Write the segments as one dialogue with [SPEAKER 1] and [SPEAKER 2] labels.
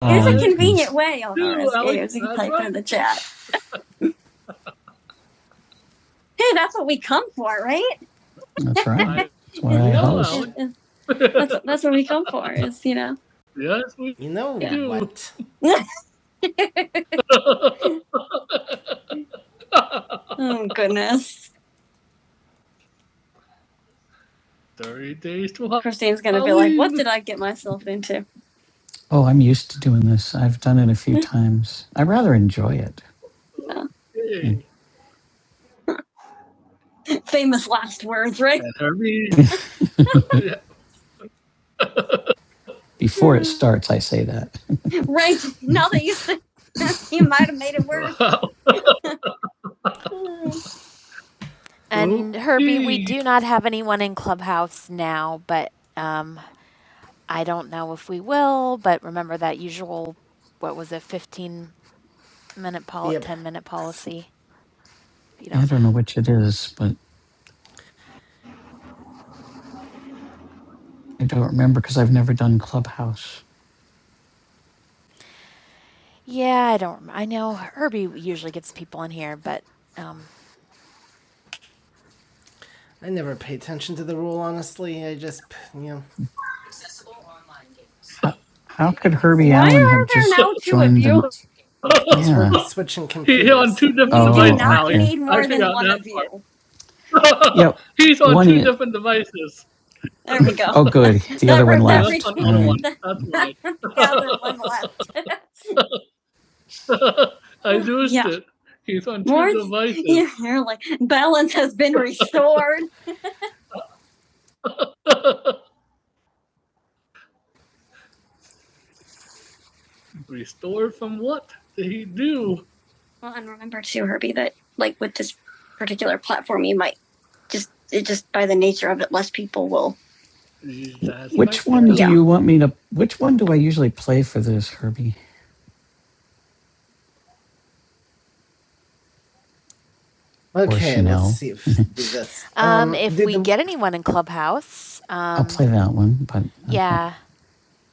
[SPEAKER 1] It was Oh, a convenient way on It was Alex, you can type right. in the chat. Hey, that's what we come for, right? That's right. That's what I Yeah. host. That's, that's what we come for, is, you know. yes, we You know Yeah. what? Oh, goodness. 30 days to hide. Christine's going to be like, what did I get myself into? Oh, I'm used to doing this. I've done it a few times. I rather enjoy it. No. Hey, Famous last words, right? and Herbie, Before it starts, I say that. Right now that you said you might have made it worse. And Herbie, we Okay. do not have anyone in Clubhouse now, but um, I don't know if we will. But remember that usual, what was it, 15 minute, policy, Yep. 10 minute policy? If you I don't don't know which it is, but I don't remember because I've never done Clubhouse. Yeah, I don't. I know Herbie usually gets people in here, but um, I never pay attention to the rule, honestly. I just, you know. How could Herbie Why Allen are have there just now joined two of you? Yeah. switching computers. He's on two different Oh, you do devices, not okay. need more than one of you. Yep. He's on One two is- different devices. There we go. Oh, good. The other one left. That's Average another one. woman. That's right. the right. other one left. I used Yeah. it. He's on two More devices. Yeah, You're like, balance has been restored. Restored from what did he do? Well, and remember too, Herbie, that like with this particular platform, you might just it just by the nature of it, less people will. That's Which one do Yeah. you want me to? Which one do I usually play for this, Herbie? Okay, let's see if we do this. Um, um, if we the- get anyone in Clubhouse, um, I'll um, play that one, but okay. yeah,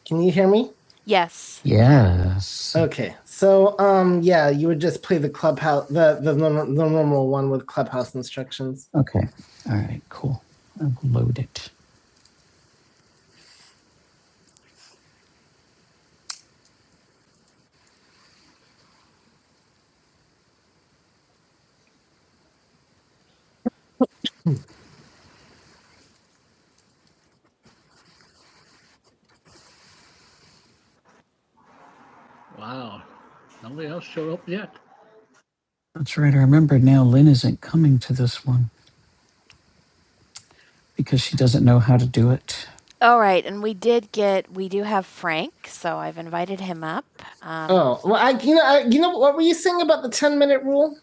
[SPEAKER 1] can you hear me? yes, Yes. Okay, so um, yeah, you would just play the clubhouse, the the, nor- the normal one with clubhouse instructions. Okay. All right. Cool. I'll load it. Wow. Nobody else showed up yet. That's right. I remember now Lynn isn't coming to this one because she doesn't know how to do it. All right, and we did get we do have Frank, so I've invited him up. Um, Oh, well, I you know I, you know what were you saying about the ten minute rule?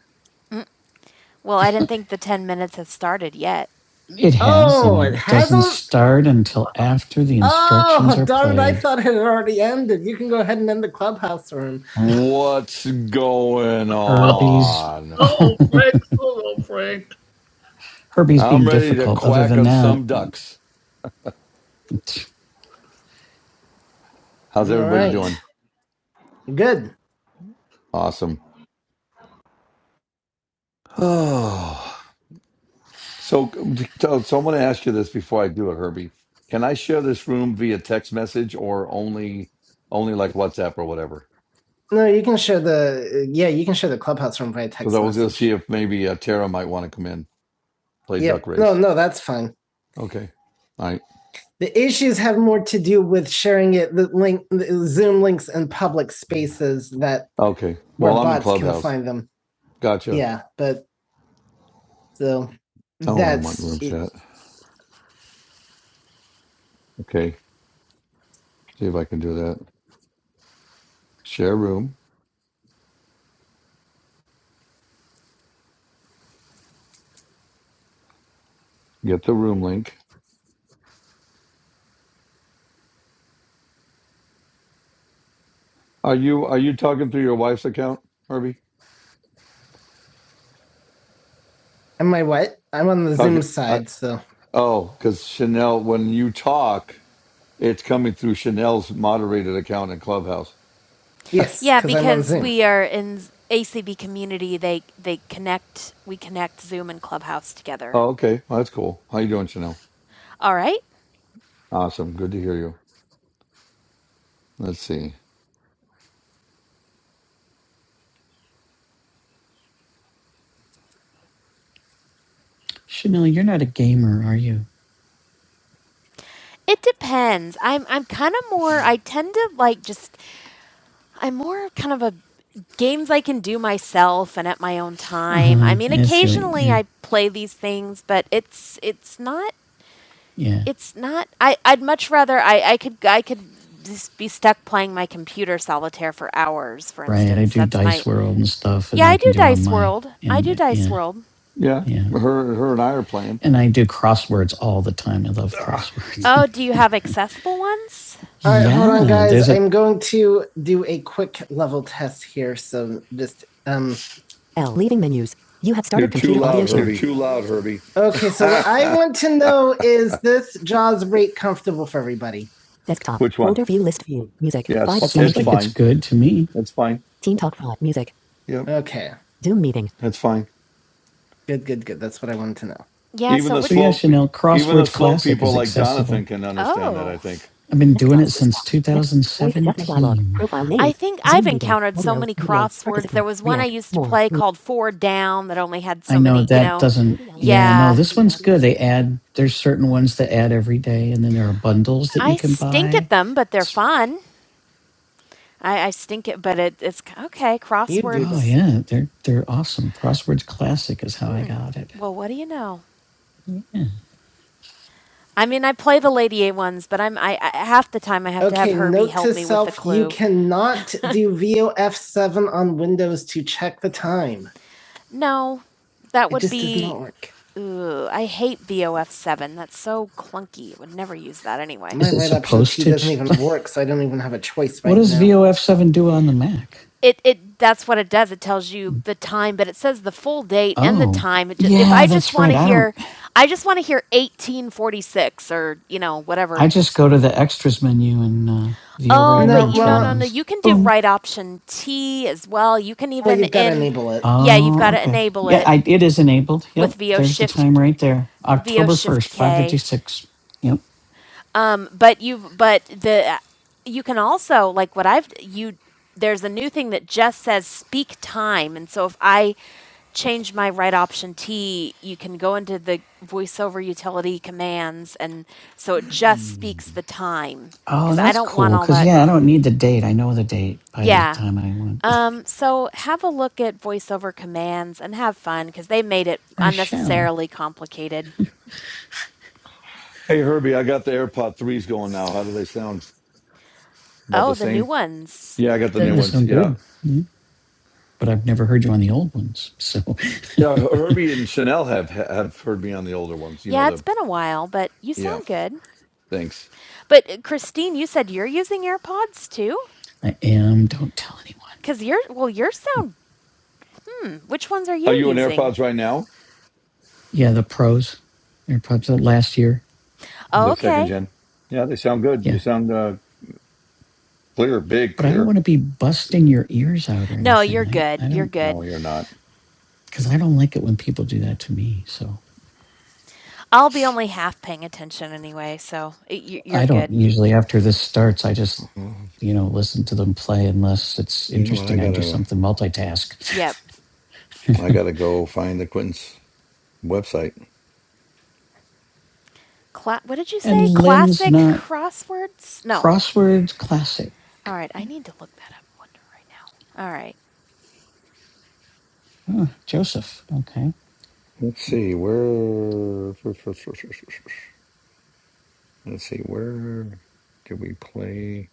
[SPEAKER 1] well, I didn't think the ten minutes had started yet. It has, Oh, and it it doesn't hasn't. start until after the instructions Oh, are darn it! I played thought it had already ended. You can go ahead and end the clubhouse room.
[SPEAKER 2] What's going
[SPEAKER 1] or these
[SPEAKER 2] on?
[SPEAKER 1] Oh, Frank. Oh, Frank. Herbie's
[SPEAKER 2] I'm
[SPEAKER 1] being
[SPEAKER 2] ready to
[SPEAKER 1] difficult. Other
[SPEAKER 2] quack
[SPEAKER 1] than
[SPEAKER 2] on some
[SPEAKER 1] that,
[SPEAKER 2] ducks.
[SPEAKER 1] All
[SPEAKER 2] How's everybody
[SPEAKER 1] right.
[SPEAKER 2] doing?
[SPEAKER 1] Um, Good.
[SPEAKER 2] Awesome. Oh, so, so so I'm going to ask you this before I do it, Herbie. Can I share this room via text message or only, only like WhatsApp or whatever?
[SPEAKER 1] No, you can share the yeah, you can share the clubhouse room via
[SPEAKER 2] Because I
[SPEAKER 1] text
[SPEAKER 2] was going to
[SPEAKER 1] message.
[SPEAKER 2] see if maybe uh, Tara might want to come in play duck
[SPEAKER 1] Yep. No,
[SPEAKER 2] race.
[SPEAKER 1] no, that's fine.
[SPEAKER 2] Okay. All right.
[SPEAKER 1] The issues have more to do with sharing it the link the Zoom links in public spaces that
[SPEAKER 2] Okay.
[SPEAKER 1] where
[SPEAKER 2] Well, I'm in
[SPEAKER 1] bots can
[SPEAKER 2] Clubhouse.
[SPEAKER 1] find them.
[SPEAKER 2] Gotcha.
[SPEAKER 1] Yeah, but so
[SPEAKER 2] Oh, I don't want
[SPEAKER 1] that's
[SPEAKER 2] room
[SPEAKER 1] it.
[SPEAKER 2] chat. Okay. See if I can do that. Share room. Get the room link. Are you are you talking through your wife's account, Herbie?
[SPEAKER 1] am I what? I'm on the
[SPEAKER 2] Talking.
[SPEAKER 1] Zoom
[SPEAKER 2] I,
[SPEAKER 1] side, so
[SPEAKER 2] oh, because Chanel. When you talk, it's coming through Chanel's moderated account in Clubhouse.
[SPEAKER 1] yes. Yeah, 'cause I'm on because Zoom. we are in ACB community, they they connect we connect Zoom and Clubhouse together.
[SPEAKER 2] Oh, okay. Well, that's cool. How you doing, Chanel?
[SPEAKER 1] All right.
[SPEAKER 2] Awesome. Good to hear you. Let's see.
[SPEAKER 1] Chanel, you're not a gamer, are you? It depends. I'm I'm kind of more I tend to like just I'm more kind of a games I can do myself and at my own time. I Uh-huh. mean Yeah, silly. occasionally Yeah. I play these things, but it's it's not Yeah. it's not I I'd much rather I I could I could just be stuck playing my computer solitaire for hours, for Right. I instance. do That's my Dice World and stuff, and Yeah, I I can do do Dice my World. I do and Dice yeah. World.
[SPEAKER 2] Yeah,
[SPEAKER 1] Yeah.
[SPEAKER 2] her her and I are playing.
[SPEAKER 1] And I do crosswords all the time. I love
[SPEAKER 2] Ugh,
[SPEAKER 1] crosswords. Oh, do you have accessible ones? All right, yeah, hold on, yeah, guys. there's a I'm going to do a quick level test here. So just um. L. Leaving menus. You have
[SPEAKER 2] you're
[SPEAKER 1] started
[SPEAKER 2] too
[SPEAKER 1] computer audio
[SPEAKER 2] loud,
[SPEAKER 1] share. You're
[SPEAKER 2] Herbie.
[SPEAKER 1] too loud, Herbie. Okay, so what I want to know is this Jaws rate comfortable for everybody? Desktop.
[SPEAKER 2] Which one?
[SPEAKER 1] Folder view list view. Music.
[SPEAKER 2] Yeah, it's
[SPEAKER 1] 5 of seventeen.
[SPEAKER 2] fi-
[SPEAKER 1] seems
[SPEAKER 2] it's
[SPEAKER 1] like it's
[SPEAKER 2] fine.
[SPEAKER 1] good to me.
[SPEAKER 2] That's fine.
[SPEAKER 1] Team Talk 5. Music.
[SPEAKER 2] Yep,
[SPEAKER 1] Okay. Zoom meeting.
[SPEAKER 2] that's fine.
[SPEAKER 1] Good, good, good. That's what I wanted to know. Yeah.
[SPEAKER 2] Even
[SPEAKER 1] So
[SPEAKER 2] the
[SPEAKER 1] what? So yeah,
[SPEAKER 2] slow
[SPEAKER 1] Chanel,
[SPEAKER 2] even the
[SPEAKER 1] Crosswords
[SPEAKER 2] slow
[SPEAKER 1] Classic
[SPEAKER 2] people
[SPEAKER 1] is
[SPEAKER 2] like
[SPEAKER 1] accessible.
[SPEAKER 2] Jonathan can understand that. I
[SPEAKER 1] Oh,
[SPEAKER 2] think.
[SPEAKER 1] I've been doing it since class. 2017. I think I've encountered so many crosswords. There was one I used to play called Four Down that only had I so know many. You that know? doesn't, yeah, no, Yeah. this one's good. They add, there's certain ones that add every day, and then there are bundles that you I can stink buy. at them, but they're fun. I, I stink it, but it, it's okay. You do. Oh Crosswords. yeah, they're they're awesome. Crosswords classic is how I Hmm. got it. Well, what do you know? I mean, I play the Lady A ones, but I'm I, I half the time I have to have Okay, Herbie note help to me with the self, you clue. cannot do VOF7 on Windows to check the time. No, that It would just does be. not work. Ugh, I hate VOF seven. That's so clunky. I would never use that anyway. My Is it red option key supposed key to? doesn't even work, so I don't even have a choice What right does now. VOF seven do on the Mac? It it that's what it does. It tells you the time, but it says the full date and the Oh, time. It ju- If yeah, I just that's want right. to I don't. hear I just want to hear 1846 or, you know, whatever. I just go to the extras menu and uh, view Oh, right but No, you no no well, no. You can do well, right option T as well. You can even Oh, you've got to in enable it. yeah, you've got Oh, to okay. enable Yeah, it Yeah, I, it is enabled. Yep. with Yep. VO There's Shift. There's the time right there. October 1st, 556. Yep. Um, but you've but the you can also like what I've you there's a new thing that just says speak time, and so if I change my right option T, you can go into the voiceover utility commands, and so it just speaks the time Oh, because I that's don't want cool. all Cause that. yeah, I don't need the date. I know the date by the Yeah. time I want. Um, so have a look at voiceover commands and have fun because they made it I shall. unnecessarily complicated.
[SPEAKER 2] Hey Herbie, I got the AirPod threes going now. How do they sound? About
[SPEAKER 1] Oh,
[SPEAKER 2] the
[SPEAKER 1] the new
[SPEAKER 2] same?
[SPEAKER 1] ones.
[SPEAKER 2] Yeah, I got the
[SPEAKER 1] The Yeah, they
[SPEAKER 2] new
[SPEAKER 1] the
[SPEAKER 2] ones.
[SPEAKER 1] sound
[SPEAKER 2] Yeah,
[SPEAKER 1] good. but I've never heard you on the old ones. So
[SPEAKER 2] yeah. Her- Herbie and Chanel have have heard me on the older ones. You know
[SPEAKER 1] Yeah, it's
[SPEAKER 2] the
[SPEAKER 1] been a while, but you
[SPEAKER 2] yeah.
[SPEAKER 1] sound good.
[SPEAKER 2] Thanks.
[SPEAKER 1] But uh, Christine, you said you're using AirPods too? I am. Don't tell anyone. Cuz your well, your sound which ones are
[SPEAKER 2] Are
[SPEAKER 1] you
[SPEAKER 2] you on
[SPEAKER 1] using?
[SPEAKER 2] AirPods right now?
[SPEAKER 1] Yeah, the pros. AirPods last year. Oh,
[SPEAKER 2] The second
[SPEAKER 1] okay.
[SPEAKER 2] gen. Yeah, they sound good. You
[SPEAKER 1] Yeah,
[SPEAKER 2] sound uh, clear, big,
[SPEAKER 1] but I don't
[SPEAKER 2] clear.
[SPEAKER 1] want to be busting your ears out or anything. No, you're good. You're
[SPEAKER 2] No,
[SPEAKER 1] good.
[SPEAKER 2] you're not.
[SPEAKER 1] because I don't like it when people do that to me. So I'll be only half paying attention anyway, so it, you, you're I don't good. usually after this starts. I just
[SPEAKER 2] Uh,
[SPEAKER 1] you know listen to them play unless it's
[SPEAKER 2] You know what? I
[SPEAKER 1] interesting. I do
[SPEAKER 2] gotta
[SPEAKER 1] something multitask. Yep.
[SPEAKER 2] I gotta go find the Quinton's website.
[SPEAKER 1] Cla- what did you And say? Lynn's Classic not crosswords? No. Crosswords. classic. All right. I need to look that up one right now. All right. Joseph. Okay.
[SPEAKER 2] Let's see where. Let's see where. Can we play?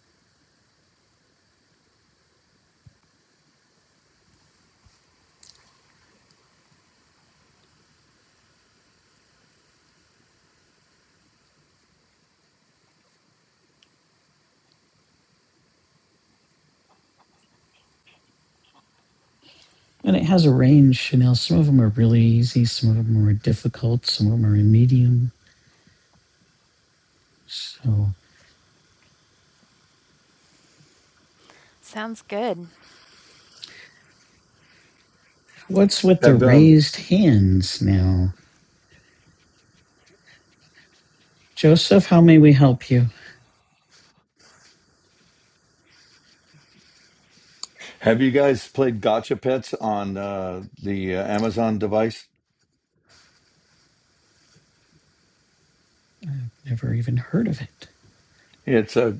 [SPEAKER 1] And it has a range, You know, Some of them are really easy. Some of them are difficult. Some of them are medium. So Sounds good. what's with the
[SPEAKER 2] Have um,
[SPEAKER 1] raised hands now? Joseph, how may we help you?
[SPEAKER 2] Have you guys played Gotcha Pets on uh, the uh, Amazon device?
[SPEAKER 1] I've never even heard of it.
[SPEAKER 2] It's a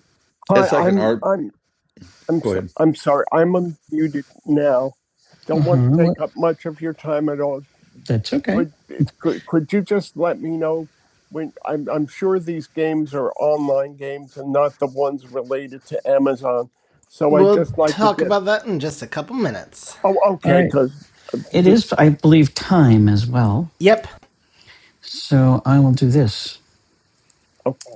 [SPEAKER 1] Hi,
[SPEAKER 2] it's like an
[SPEAKER 1] I'm
[SPEAKER 2] art.
[SPEAKER 1] I'm I'm
[SPEAKER 2] Go
[SPEAKER 1] so,
[SPEAKER 2] ahead.
[SPEAKER 1] I'm sorry. I'm unmuted now. Don't uh-huh. want to Uh-huh. take up much of your time at all. That's okay. Could, could could you just let me know when I'm I'm sure these games are online games and not the ones related to Amazon. So I We'll I just like talk to get, about that in just a couple minutes. Oh, okay, right. cuz It is, I believe, time as well. Yep. So I will do this. Okay.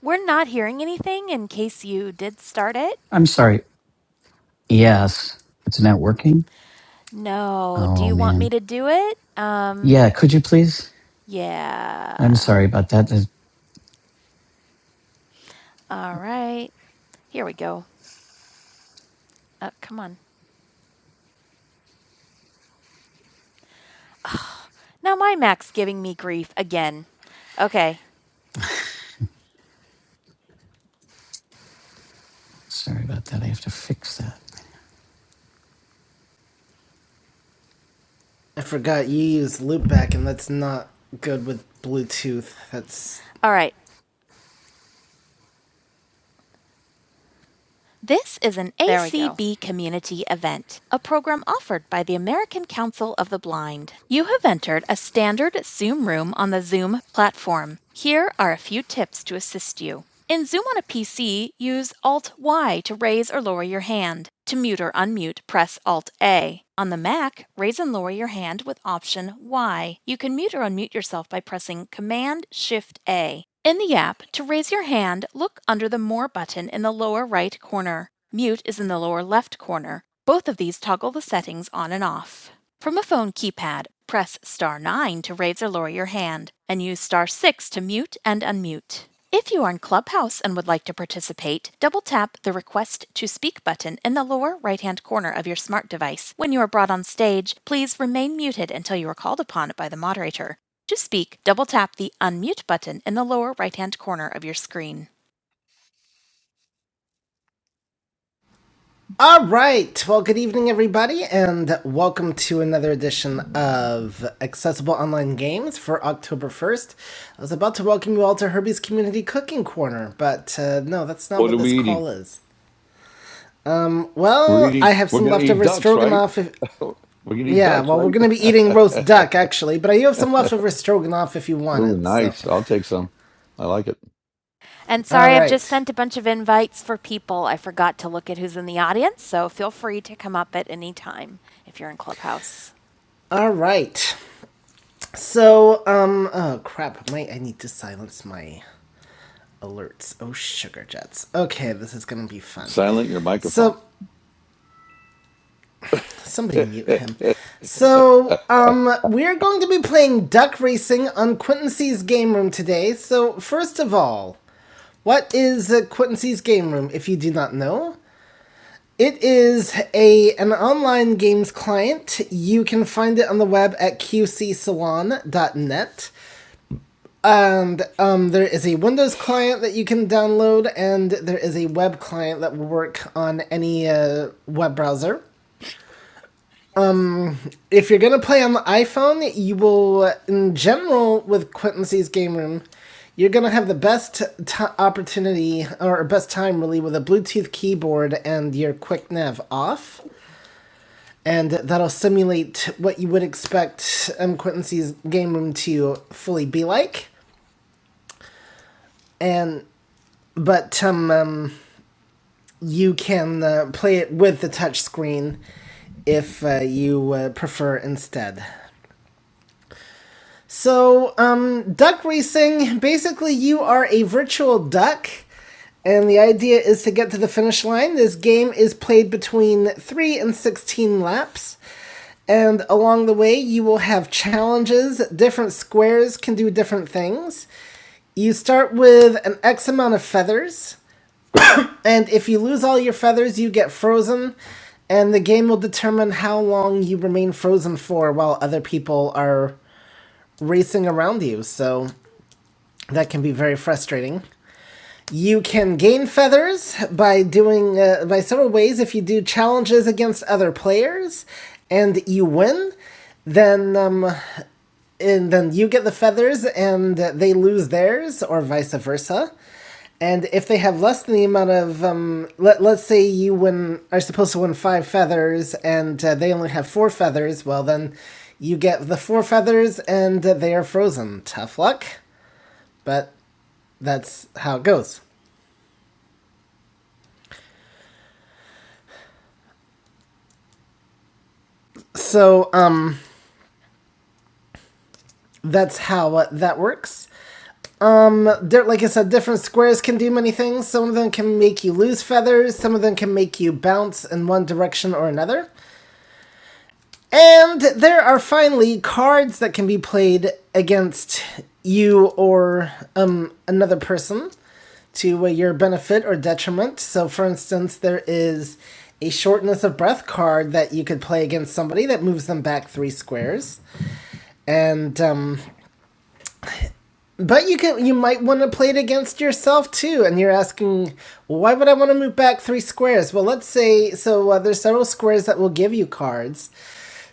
[SPEAKER 1] We're not hearing anything in case you did start it. I'm sorry. Yes. It's not working? No. Do Oh, you want me man. to do it? Um, Yeah, could you please? I'm yeah. sorry about that. There's- All right. Here we go. Oh, come on. Now my Mac's giving me grief again. Okay. Sorry about that. I have to fix that. I forgot you use loopback, and that's not good with Bluetooth. That's All right. This is an ACB community event, a program offered by the American Council of the Blind. You have entered a standard Zoom room on the Zoom platform. Here are a few tips to assist you. In Zoom on a PC, use Alt Y to raise or lower your hand. To mute or unmute, press Alt A. On the Mac, raise and lower your hand with Option Y. You can mute or unmute yourself by pressing Command Shift A. In the app, to raise your hand, look under the More button in the lower right corner. Mute is in the lower left corner. Both of these toggle the settings on and off. From a phone keypad, press star 9 to raise or lower your hand, and use star 6 to mute and unmute. If you are in Clubhouse and would like to participate, double tap the Request to Speak button in the lower right hand corner of your smart device. When you are brought on stage, please remain muted until you are called upon by the moderator. To speak, double tap the unmute button in the lower right hand corner of your screen. All right. Well, good evening, everybody, and welcome to another edition of Accessible Online Games for October 1st. I was about to welcome you all to Herbie's Community Cooking Corner, but uh, no, that's not
[SPEAKER 2] What are
[SPEAKER 1] what this
[SPEAKER 2] we eating?
[SPEAKER 1] call is. Um,
[SPEAKER 2] We're
[SPEAKER 1] well,
[SPEAKER 2] eating.
[SPEAKER 1] I have
[SPEAKER 2] We're
[SPEAKER 1] some
[SPEAKER 2] gonna eat
[SPEAKER 1] leftover
[SPEAKER 2] ducks, right?
[SPEAKER 1] stroganoff. If,
[SPEAKER 2] We're gonna eat
[SPEAKER 1] yeah,
[SPEAKER 2] ducks,
[SPEAKER 1] well, we're
[SPEAKER 2] right?
[SPEAKER 1] going to be eating roast duck, actually, but I do have some leftover stroganoff if you want
[SPEAKER 2] Ooh,
[SPEAKER 1] it, so.
[SPEAKER 2] nice. I'll take some. I like it.
[SPEAKER 1] And sorry, right. I've right. just sent a bunch of invites for people. I forgot to look at who's in the audience, so feel free to come up at any time if you're in Clubhouse. All right. So, um, oh crap, my I need to silence my alerts. Oh sugar jets. Okay, this is gonna be fun.
[SPEAKER 2] Silent your microphone.
[SPEAKER 1] So somebody mute him. So, um, we're going to be playing duck racing on Quinton C's game room today. So, first of all, what is uh, Quinton C's game room? If you do not know, It is a an online games client. You can find it on the web at qcsalon.net. And um, there is a Windows client that you can download, and there is a web client that will work on any uh, web browser. If you're going to play on the iPhone, you will, in general, with Quentin Game Room, you're going to have the best t- opportunity or best time, really, with a Bluetooth keyboard and your quick nav off and that'll simulate what you would expect um, Quincy's game room to fully be like. And but um, um you can uh, play it with the touch screen if uh, you uh, prefer instead. So um, duck racing, basically, you are a virtual duck. And the idea is to get to the finish line. This game is played between 3 and 16 laps. And along the way, you will have challenges. Different squares can do different things. You start with an X amount of feathers, and if you lose all your feathers, you get frozen, and the game will determine how long you remain frozen for while other people are racing around you. So that can be very frustrating. You can gain feathers by doing uh, by several ways. If you do challenges against other players, and you win, then um, and then you get the feathers and they lose theirs, or vice versa. And if they have less than the amount of, um, let, let's say you win, are supposed to win five feathers and uh, they only have four feathers, well, then you get the four feathers and uh, they are frozen. Tough luck, but that's how it goes. So, um, that's how uh, that works. Um, like I said, different squares can do many things. Some of them can make you lose feathers, some of them can make you bounce in one direction or another. And there are finally cards that can be played against you or um, another person to uh, your benefit or detriment. So, for instance, there is a shortness of breath card that you could play against somebody that moves them back three squares. And um, But you can you might want to play it against yourself too, and you're asking why would I want to move back three squares? Well, let's say so uh, there's several squares that will give you cards.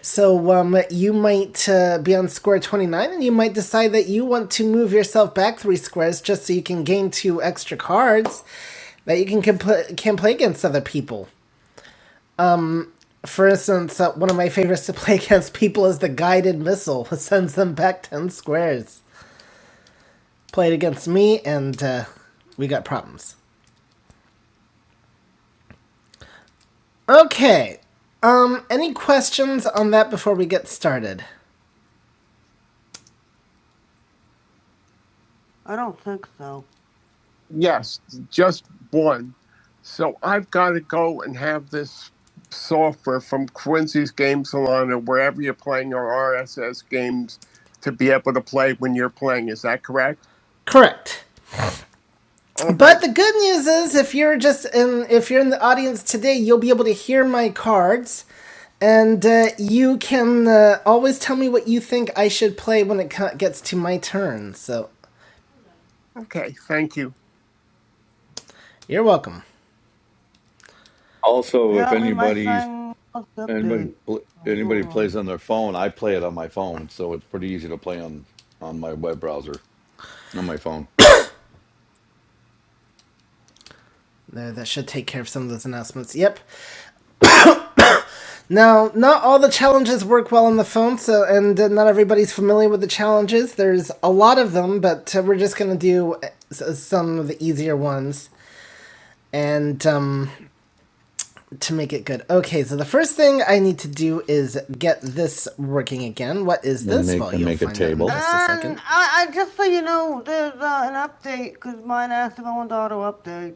[SPEAKER 1] So um, you might uh, be on square twenty nine, and you might decide that you want to move yourself back three squares just so you can gain two extra cards that you can compl- can play against other people. For instance, uh, one of my favorites to play against people is the guided missile, It sends them back ten squares. played against me, and uh, we got problems. Okay. Um, any questions on that before we get started? I don't think so. Yes, just one. So I've got to go and have this software from Quincy's Game Salon or wherever you're playing your RSS games to be able to play when you're playing. Is that correct? Correct. But the good news is, if you're just in, if you're in the audience today, you'll be able to hear my cards, and uh, you can uh, always tell me what you think I should play when it co- gets to my turn. So Okay, thank you. you're welcome.
[SPEAKER 2] also, if
[SPEAKER 1] Apparently, my
[SPEAKER 2] anybody's
[SPEAKER 1] thing must
[SPEAKER 2] anybody
[SPEAKER 1] update.
[SPEAKER 2] pl- anybody
[SPEAKER 1] Hold on.
[SPEAKER 2] plays on their phone, I play it on my phone, so it's pretty easy to play on on my web browser on my phone
[SPEAKER 1] There, that should take care of some of those announcements. Yep. Now, not all the challenges work well on the phone, so and uh, not everybody's familiar with the challenges. There's a lot of them, but uh, we're just gonna do uh, some of the easier ones and um, to make it good. Okay, so the first thing I need to do is get this working again. What is
[SPEAKER 2] and
[SPEAKER 1] this?
[SPEAKER 2] make
[SPEAKER 1] Well,
[SPEAKER 2] and
[SPEAKER 1] you'll
[SPEAKER 2] make a
[SPEAKER 1] find out in just
[SPEAKER 2] table.
[SPEAKER 1] um, a second. I, I just so you know, there's uh, an update because mine asked if I want wanted auto update.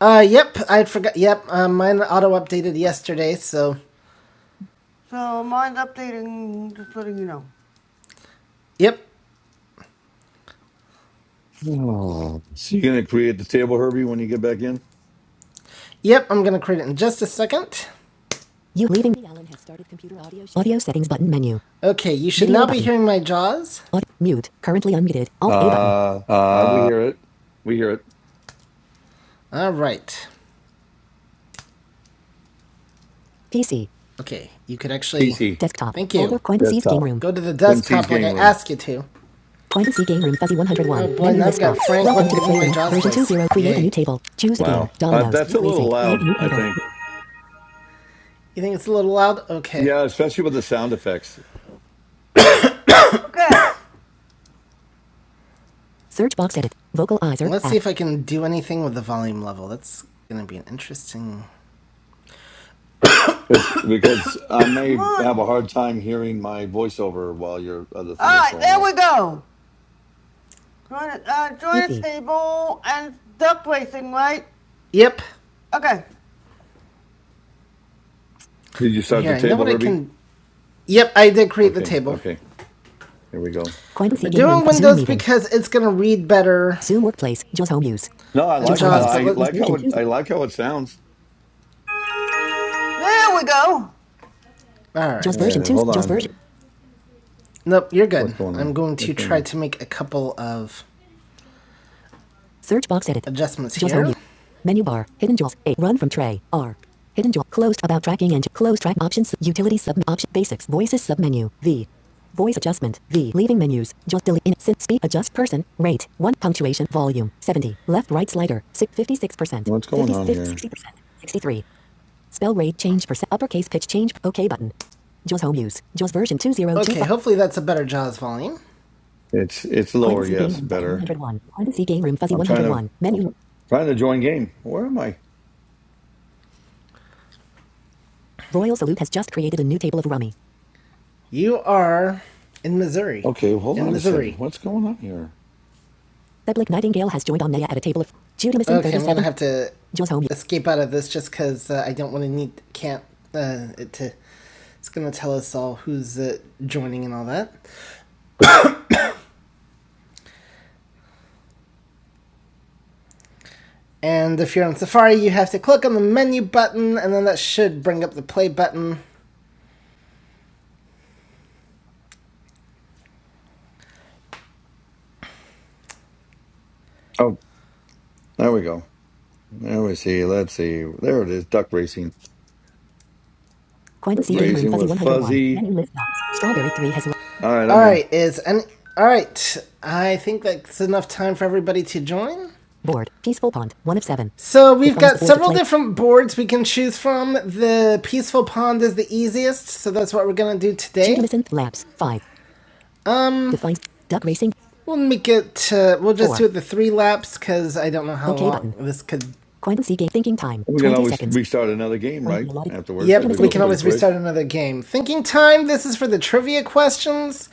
[SPEAKER 1] Uh, yep, I forgot. Yep, uh, mine auto updated yesterday, so So mine's updating, just letting you know. Yep.
[SPEAKER 2] Oh. So you're gonna create the table, Herbie, when you get back in?
[SPEAKER 1] Yep, I'm going to create it in just a second. You leaving the Allen has started computer audio audio settings button menu. Okay, you should Video now button. be hearing my jaws. Aud- mute. Currently unmuted. Alt A button.
[SPEAKER 2] Uh, uh we hear it. We hear it.
[SPEAKER 1] All right. PC. Okay, you could actually
[SPEAKER 2] PC
[SPEAKER 1] Desktop. Thank you. Folder game
[SPEAKER 2] desktop.
[SPEAKER 1] room. go to the
[SPEAKER 2] Quincy's
[SPEAKER 1] desktop like I
[SPEAKER 2] game room.
[SPEAKER 1] asked you to. Coindency game room fuzzy 101. Oh, one. Oh boy, now I've got Frank Welcome to looking the my game jaws Version voice. 2.0. Create Yay. a new table. Choose a game.
[SPEAKER 2] Wow, uh,
[SPEAKER 1] Dominoes.
[SPEAKER 2] that's
[SPEAKER 1] League
[SPEAKER 2] a
[SPEAKER 1] racing.
[SPEAKER 2] little
[SPEAKER 1] Create a
[SPEAKER 2] loud.
[SPEAKER 1] new
[SPEAKER 2] I
[SPEAKER 1] table.
[SPEAKER 2] think.
[SPEAKER 1] You think it's a little loud? Okay.
[SPEAKER 2] Yeah, especially with the sound effects,
[SPEAKER 1] Okay. Search box edit. Vocalizer. Let's app. see if I can do anything with the volume level. That's gonna be an interesting.
[SPEAKER 2] because because I
[SPEAKER 1] Come
[SPEAKER 2] may have
[SPEAKER 1] on.
[SPEAKER 2] a hard time hearing my voiceover while your other thing
[SPEAKER 1] All
[SPEAKER 2] is
[SPEAKER 1] right,
[SPEAKER 2] going
[SPEAKER 1] there we
[SPEAKER 2] off.
[SPEAKER 1] go. Join it, uh, join a Yippee. table and duck racing, right? Yep. Okay.
[SPEAKER 2] Did you
[SPEAKER 1] Well,
[SPEAKER 2] start the
[SPEAKER 1] here I know
[SPEAKER 2] table,
[SPEAKER 1] what I
[SPEAKER 2] Herbie?
[SPEAKER 1] can. Yep, I did create the
[SPEAKER 2] Okay.
[SPEAKER 1] table.
[SPEAKER 2] Okay. Here we go.
[SPEAKER 1] We're doing Windows because it's gonna read better. Zoom workplace. Jaws home use.
[SPEAKER 2] No, I
[SPEAKER 1] And Jaws
[SPEAKER 2] like I,
[SPEAKER 1] home use.
[SPEAKER 2] I
[SPEAKER 1] but let- us
[SPEAKER 2] like how
[SPEAKER 1] version
[SPEAKER 2] it
[SPEAKER 1] two.
[SPEAKER 2] I like how it sounds.
[SPEAKER 1] There we go. All right. Jaws version
[SPEAKER 2] Uh,
[SPEAKER 1] two.
[SPEAKER 2] hold
[SPEAKER 1] Jaws
[SPEAKER 2] on.
[SPEAKER 1] version. Nope, you're
[SPEAKER 2] What's
[SPEAKER 1] good.
[SPEAKER 2] going
[SPEAKER 1] I'm
[SPEAKER 2] on?
[SPEAKER 1] going
[SPEAKER 2] What's
[SPEAKER 1] to
[SPEAKER 2] going
[SPEAKER 1] try
[SPEAKER 2] on?
[SPEAKER 1] to make a couple of Search box edit. Adjustments here. only. Menu bar. Hidden jewels. A. Run from tray. R. Hidden jewel. Closed about tracking and closed track options. Utility sub option. Basics. Voices sub menu. V. Voice adjustment. V. Leaving menus. Just delete. In. Sin. Speed. Adjust. Person. Rate. 1. Punctuation. Volume. 70. Left. Right slider. 56%. 50.
[SPEAKER 2] What's going
[SPEAKER 1] fifty,
[SPEAKER 2] on
[SPEAKER 1] sixty
[SPEAKER 2] here?
[SPEAKER 1] percent 63. Spell rate change percent. Uppercase pitch change. OK button. Jaws home use. Jaws version 2.0. Okay, two, hopefully that's a better Jaws volume.
[SPEAKER 2] It's it's lower,
[SPEAKER 1] Quantity game
[SPEAKER 2] yes,
[SPEAKER 1] room fuzzy
[SPEAKER 2] better.
[SPEAKER 1] 101. Quantity game room fuzzy
[SPEAKER 2] I'm trying to
[SPEAKER 1] 101. Menu.
[SPEAKER 2] trying to join game. Where am I?
[SPEAKER 1] Royal Salute has just created a new table of rummy. You are in Missouri.
[SPEAKER 2] Okay, well, hold
[SPEAKER 1] In
[SPEAKER 2] on a second.
[SPEAKER 1] Missouri.
[SPEAKER 2] What's going on here?
[SPEAKER 1] Public Nightingale has joined Omnia at a table of Judaism Okay, well, I'm gonna have to escape out of this just because uh, I don't want to need can't uh, it to. It's gonna tell us all who's uh, joining and all that. And if you're on Safari, you have to click on the menu button, and then that should bring up the play button.
[SPEAKER 2] Oh, there we go. There we see. Let's see. There it is. Duck racing.
[SPEAKER 1] Quinton
[SPEAKER 2] Duck
[SPEAKER 1] C yep. Game Room
[SPEAKER 2] racing
[SPEAKER 1] Fuzzy
[SPEAKER 2] with
[SPEAKER 1] 101.
[SPEAKER 2] Fuzzy.
[SPEAKER 1] Menu list box. Strawberry 3 has
[SPEAKER 2] All right,
[SPEAKER 1] All
[SPEAKER 2] I'm in.
[SPEAKER 1] right, is and all right. I think that's enough time for everybody to join. Board. Peaceful Pond. One of seven. So we've got several different boards we can choose from. The peaceful pond is the easiest, so that's what we're gonna do today. Judamysynth Labs. Five. Defines. Duck Racing. We'll make it. Uh, we'll just Four. do it the three laps because I don't know how Okay long button. this could. Quantum Game Thinking Time.
[SPEAKER 2] We can
[SPEAKER 1] 20
[SPEAKER 2] always
[SPEAKER 1] seconds.
[SPEAKER 2] restart another game, right? Afterwards,
[SPEAKER 1] Yep,
[SPEAKER 2] if it
[SPEAKER 1] we
[SPEAKER 2] goes
[SPEAKER 1] can
[SPEAKER 2] pretty
[SPEAKER 1] always
[SPEAKER 2] quick.
[SPEAKER 1] restart another game. Thinking time. This is for the trivia questions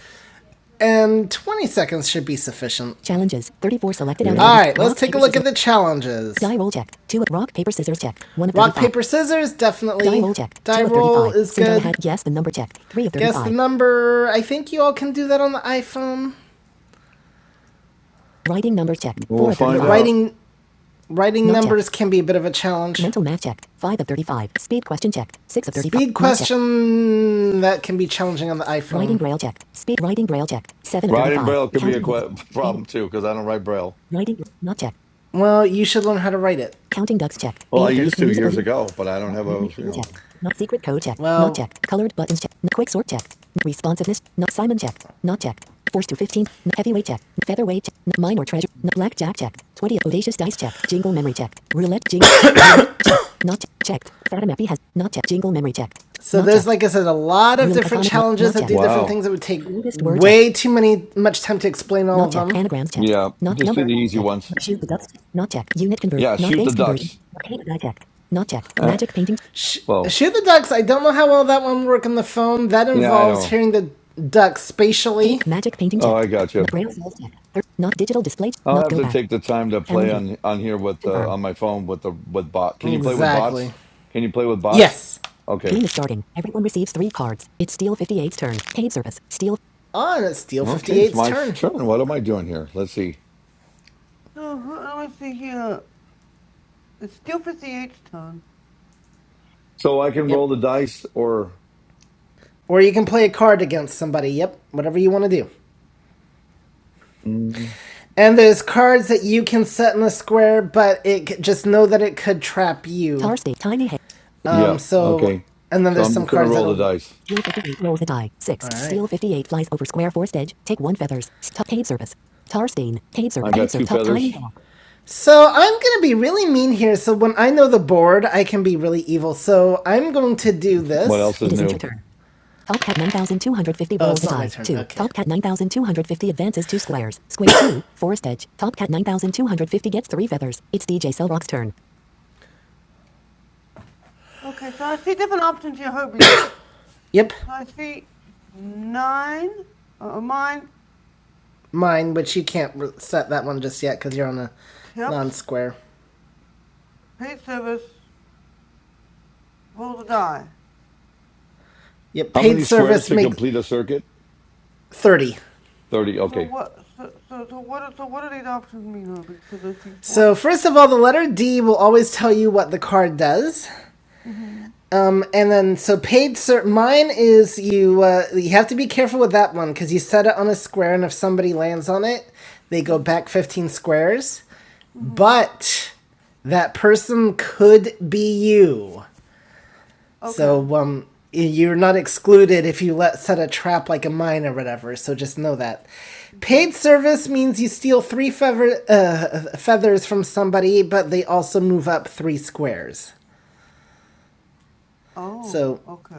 [SPEAKER 1] and 20 seconds should be sufficient. Challenges. 34 selected out of
[SPEAKER 2] Yeah,
[SPEAKER 1] All 80. right, let's take a look at the challenges. Die roll checked. Two rock, paper, scissors checked. One of Rock, paper, scissors, definitely. Die roll checked. Die roll is good. hand- Guess the number checked. Three of thirty-five. Guess the number. I think you all can do that on the iPhone. Writing number checked.
[SPEAKER 2] well,
[SPEAKER 1] Four
[SPEAKER 2] we'll
[SPEAKER 1] of 35.
[SPEAKER 2] find
[SPEAKER 1] But
[SPEAKER 2] out.
[SPEAKER 1] writing writing No numbers can be a bit of a challenge. Mental math checked. Five of 35. Speed question checked. Six of 35. Speed question that can be challenging on the iPhone. Writing braille checked. Speed writing braille checked. 7 of
[SPEAKER 2] Writing
[SPEAKER 1] 35.
[SPEAKER 2] braille could be a
[SPEAKER 1] Counting.
[SPEAKER 2] que-
[SPEAKER 1] 80.
[SPEAKER 2] problem too, because I don't write braille.
[SPEAKER 1] Writing not checked. Well, you should learn how to write it. Counting ducks checked.
[SPEAKER 2] Well,
[SPEAKER 1] Eight
[SPEAKER 2] I
[SPEAKER 1] of thirty
[SPEAKER 2] used to
[SPEAKER 1] musical.
[SPEAKER 2] years ago, but I don't
[SPEAKER 1] Not
[SPEAKER 2] have a
[SPEAKER 1] rhythmic
[SPEAKER 2] you
[SPEAKER 1] tool
[SPEAKER 2] know.
[SPEAKER 1] checked. Not secret code checked. Well- not checked. Colored buttons checked. quick sort checked. responsiveness. Not Simon checked. Not checked. Force to 15. heavyweight checked. featherweight checked. minor treasure. blackjack checked. 20. Audacious dice checked. Jingle memory checked. Roulette jingle. Not checked. Datamappy has not checked. Jingle memory checked. So Not there's, checked. like I said, a lot of Real different challenges that do different
[SPEAKER 2] Wow.
[SPEAKER 1] things. that would take Longest word way checked. too many much time to explain all Not of checked. them. Anagrams checked.
[SPEAKER 2] Yeah,
[SPEAKER 1] Not
[SPEAKER 2] just do
[SPEAKER 1] number
[SPEAKER 2] the easy
[SPEAKER 1] checked.
[SPEAKER 2] ones.
[SPEAKER 1] Shoot the dust. Not checked. Unit convert.
[SPEAKER 2] Yeah,
[SPEAKER 1] Not
[SPEAKER 2] shoot the
[SPEAKER 1] base conversion.
[SPEAKER 2] ducks.
[SPEAKER 1] Arcade die checked. Not checked. Magic painting.
[SPEAKER 2] Well,
[SPEAKER 1] Shoot the ducks. I don't know how well that one would work on the phone. That
[SPEAKER 2] yeah, I
[SPEAKER 1] involves
[SPEAKER 2] know.
[SPEAKER 1] hearing the ducks spatially. Magic painting
[SPEAKER 2] Oh,
[SPEAKER 1] checked.
[SPEAKER 2] I got
[SPEAKER 1] Not
[SPEAKER 2] you.
[SPEAKER 1] braille cells checked. Er, Not digital display.
[SPEAKER 2] I'll
[SPEAKER 1] Not
[SPEAKER 2] have
[SPEAKER 1] go
[SPEAKER 2] to
[SPEAKER 1] back.
[SPEAKER 2] take the time to play
[SPEAKER 1] Challenges.
[SPEAKER 2] on on here with uh,
[SPEAKER 1] Confirm.
[SPEAKER 2] on my phone with the with bot. Can you play with
[SPEAKER 1] Exactly.
[SPEAKER 2] bots? Can you play with bots?
[SPEAKER 1] Yes. Game
[SPEAKER 2] Okay,
[SPEAKER 1] is starting. Everyone receives three cards. It's Steel Fifty Eight's turn. Paid service. Steel. On it's Steel
[SPEAKER 2] okay,
[SPEAKER 1] Fifty
[SPEAKER 2] it's
[SPEAKER 1] Eight's
[SPEAKER 2] my
[SPEAKER 1] turn.
[SPEAKER 2] turn. What am I doing here? Let's see.
[SPEAKER 1] Oh, I was thinking, uh, it's Fifty Eight's turn.
[SPEAKER 2] So I can roll
[SPEAKER 1] Yep.
[SPEAKER 2] the dice, or
[SPEAKER 1] Or you can play a card against somebody. Yep. Whatever you want to do.
[SPEAKER 2] mm,
[SPEAKER 1] And there's cards that you can set in a square, but it just know that it could trap you. Tar State. Tiny Head.
[SPEAKER 2] yeah,
[SPEAKER 1] Um, so,
[SPEAKER 2] okay.
[SPEAKER 1] and then
[SPEAKER 2] So
[SPEAKER 1] there's
[SPEAKER 2] I'm
[SPEAKER 1] some
[SPEAKER 2] just gonna
[SPEAKER 1] cards
[SPEAKER 2] roll the
[SPEAKER 1] that'll.
[SPEAKER 2] dice.
[SPEAKER 1] Rule 58 rolls a die. 6. All right. Steal 58 flies over square forced edge. Take 1 feathers. Stop paid service. Tarstein. Paid
[SPEAKER 2] I
[SPEAKER 1] service. Paid
[SPEAKER 2] got two
[SPEAKER 1] service. Top tiny
[SPEAKER 2] feathers.
[SPEAKER 1] hawk. So I'm gonna be really mean here. So when I know the board, I can be really evil. So I'm going to do
[SPEAKER 2] What
[SPEAKER 1] this.
[SPEAKER 2] else is
[SPEAKER 1] It isn't your
[SPEAKER 2] new?
[SPEAKER 1] turn. Top cat 9250 Oh, rolls it's a die. 2. okay. Top cat 9250 advances 2 squares. Square 2. Forced edge. Top cat 9250 gets 3 feathers. It's DJ Cellrock's turn. Okay, so I see different options here, Herbie. Yep, My feet nine. Uh, mine. mine, but you can't re- set that one just yet because you're on a Yep. non-square. Paid service. Roll the die. Yep,
[SPEAKER 2] How
[SPEAKER 1] paid
[SPEAKER 2] many squares
[SPEAKER 1] service
[SPEAKER 2] to
[SPEAKER 1] makes
[SPEAKER 2] complete a circuit?
[SPEAKER 1] thirty.
[SPEAKER 2] Thirty.
[SPEAKER 1] So
[SPEAKER 2] Okay.
[SPEAKER 1] what? So, so, so what? So what do these options mean? Huh? So first of all, the letter D will always tell you what the card does. Um, and then so paid ser- mine is you uh, you have to be careful with that one because you set it on a square and if somebody lands on it, they go back fifteen squares. but that person could be you. Okay. So um, you're not excluded if you let set a trap like a mine or whatever. So just know that. Paid service means you steal three feather, uh, feathers from somebody, but they also move up three squares. Oh, So Okay.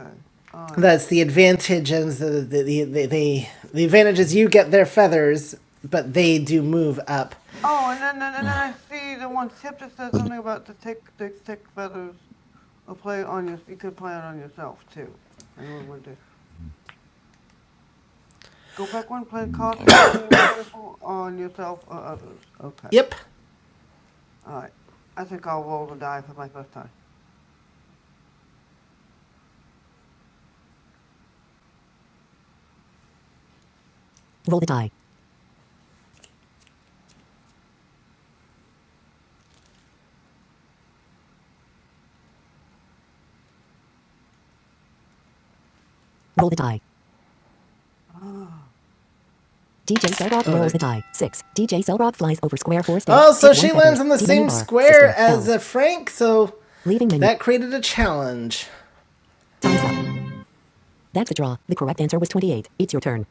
[SPEAKER 1] All right. that's the advantage and the the, the, the, the, the advantage is you get their feathers, but they do move up. Oh, and then, and and then I see the one tip that says something about the thick, thick, thick feathers. Or play on your, you could play it on yourself too. And what would do? Go back one, play cost.
[SPEAKER 2] I got
[SPEAKER 1] on yourself or others. Okay. Yep. All right. I think I'll roll the die for my first time. Roll the die. Roll the die. DJ Seldorf rolls a die. Six. DJ Seldorf flies over square four stage. Oh, so she lands on the same square as uh, Frank, so Leaving menu. that created a challenge. Time's up. That's a draw. The correct answer was 28. It's your turn.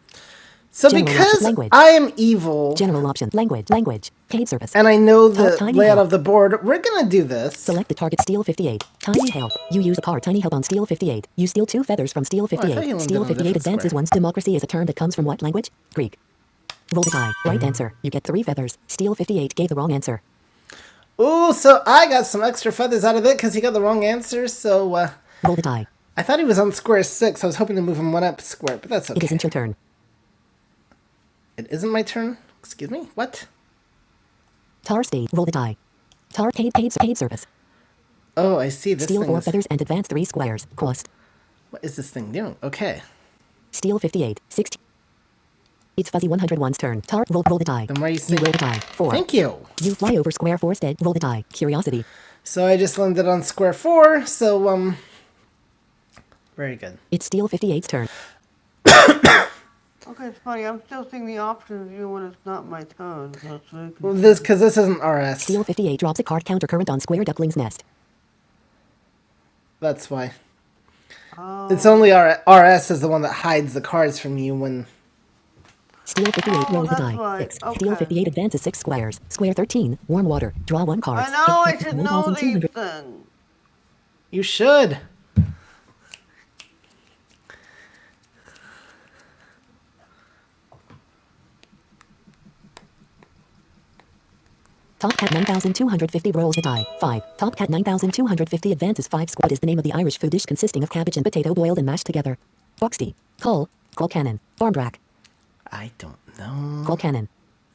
[SPEAKER 1] So because I am evil General option. Language. Language. Paid service. and I know the Oh, layout of the board, we're gonna do this. Select the target steel 58. Tiny help. You use a card tiny help on steel 58. You steal two feathers from steel 58. landed steel 58 advances square. democracy is a term that comes from what language? Greek. Roll the die. Right answer. You get three feathers. Steel 58 gave the wrong answer. Ooh, so I got some extra feathers out of it because he got the wrong answer. So uh, Roll the die. I thought he was on square six. I was hoping to move him one up square, but that's It okay. It isn't your turn. It isn't my turn. Excuse me. What? Tar Steve. Roll the die. Tar paid paid paid service. Oh, I see. This Steel thing. four Is, feathers and advance three squares. Cost. what is this thing doing? Okay. Steel 58. 60. It's fuzzy one hundred one's turn. Tar, roll, roll the die. I'm You racing. You roll the die. Four. Thank you. You fly over square four instead. Roll the die. Curiosity. So I just landed on square four, so, um, very good. It's steel fifty eight's turn. Okay, it's funny. I'm still seeing the options even when it's not my turn. That's really Well, confusing. This, because this isn't RS. Steel 58 drops a card counter current on square duckling's nest. That's why. Um, It's only R- RS is the one that hides the cards from you when Steel 58 rolls Oh, the die. right. 6. Steel Okay. 58 advances 6 squares. Square 13. Warm water. Draw 1 card. I know I should know these things. You should. Top Cat 9250 rolls a die. 5. Top Cat 9250 advances 5 squares. is the name of the Irish food dish consisting of cabbage and potato boiled and mashed together. Boxty. Cole. Cole Cannon. Barmbrack. I don't know. Cole Cannon.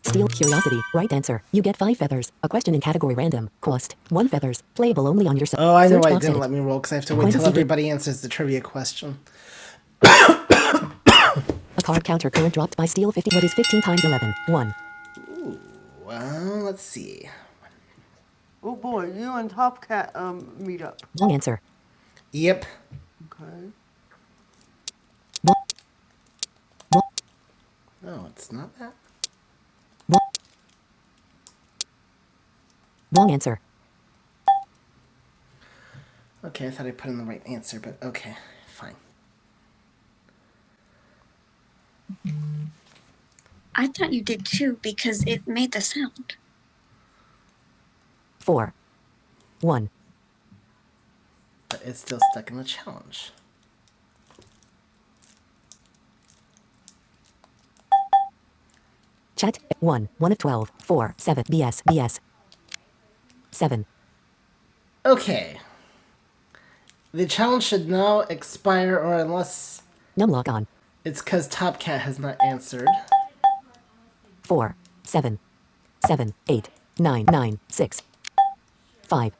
[SPEAKER 1] Steel Curiosity. Right answer. You get five feathers. A question in category random. Cost. One feathers. Playable only on your se- Oh, I know why it didn't let me roll because I have to wait till everybody answers the trivia question. A card counter current dropped by Steel 50. What is 15 times 11? 1. Oh, uh, let's see. Oh boy, you and Top Cat um meet up. Wrong answer. Yep. Okay. No, it's not that. Wrong answer. Okay, I thought I put in the right answer, but okay, fine. I thought you did too because it made the sound. Four. 1. But it's still stuck in the challenge. Chat 1. 1 of 12. 4. 7. B S. B S. 7. Okay. The challenge should now expire, or unless Num log on. it's because Top Cat has not answered. 4. 7. 7. 8. 9. 9. 6. 5.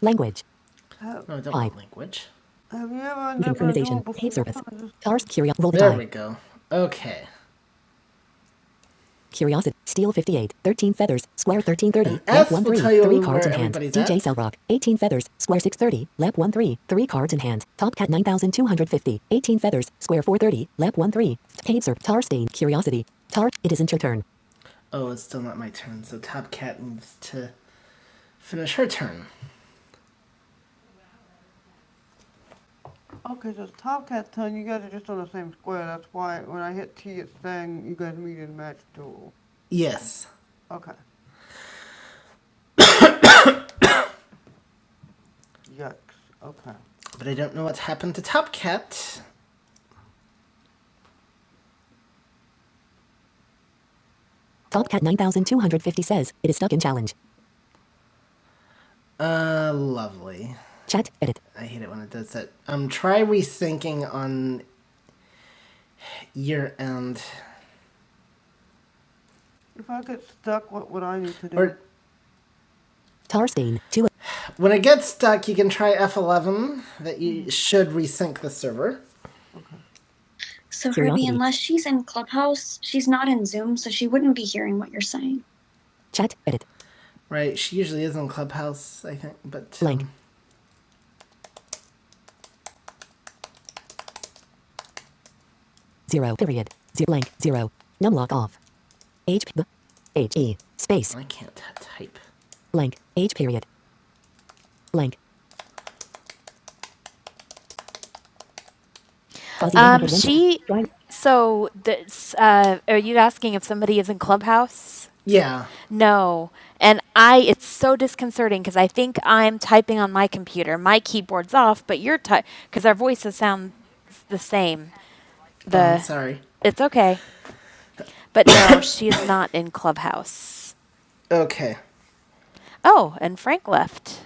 [SPEAKER 1] Language. No, I don't Five. want language. Have Reading permutation. Paid service. before? Ars Roll the die. There we go. Okay. Curiosity. Steel 58. 13 feathers. Square 1330. Lap F 1 3. 3 cards in hand. DJ Cellrock. 18 feathers. Square 630. Lap 1 3. 3 cards in hand. Top cat 9250. 18 feathers. Square 430. Lap 1 3. Cave Serp. Tarstein. Curiosity. Tar. It isn't your turn. Oh, it's still not my turn, so Top Cat needs to finish her turn. Okay, so it's Top Cat's turn. You guys are just on the same square. That's why when I hit T, it's saying you guys meet in match duel. Yes. Okay. Yucks. Okay. But I don't know what's happened to Topcat. Topcat 9250 says, it is stuck in challenge. Uh, lovely. Chat, edit. I hate it when it does that. Um, try rethinking on your end. If I get stuck, what would I need to do? Or Tarstein, 2. when it gets stuck, you can try F11, that you should resync the server. So Ruby, unless she's in Clubhouse, she's not in Zoom, so she wouldn't be hearing what you're saying. Chat, edit. Right, she usually is on Clubhouse, I think, but Blank. um, Zero. Period. Zero. Blank. Zero. Num lock off. H. B. H. E. Space. I can't type. Blank. H. Period. Blank. Fuzzy Um, she. So this. Uh, are you asking if somebody is in Clubhouse? Yeah, No. And I, it's so disconcerting because I think I'm typing on my computer. My keyboard's off, but you're typing because our voices sound the same. oh, The oh, sorry. it's okay. But no, she is not in Clubhouse. Okay. Oh, and Frank left.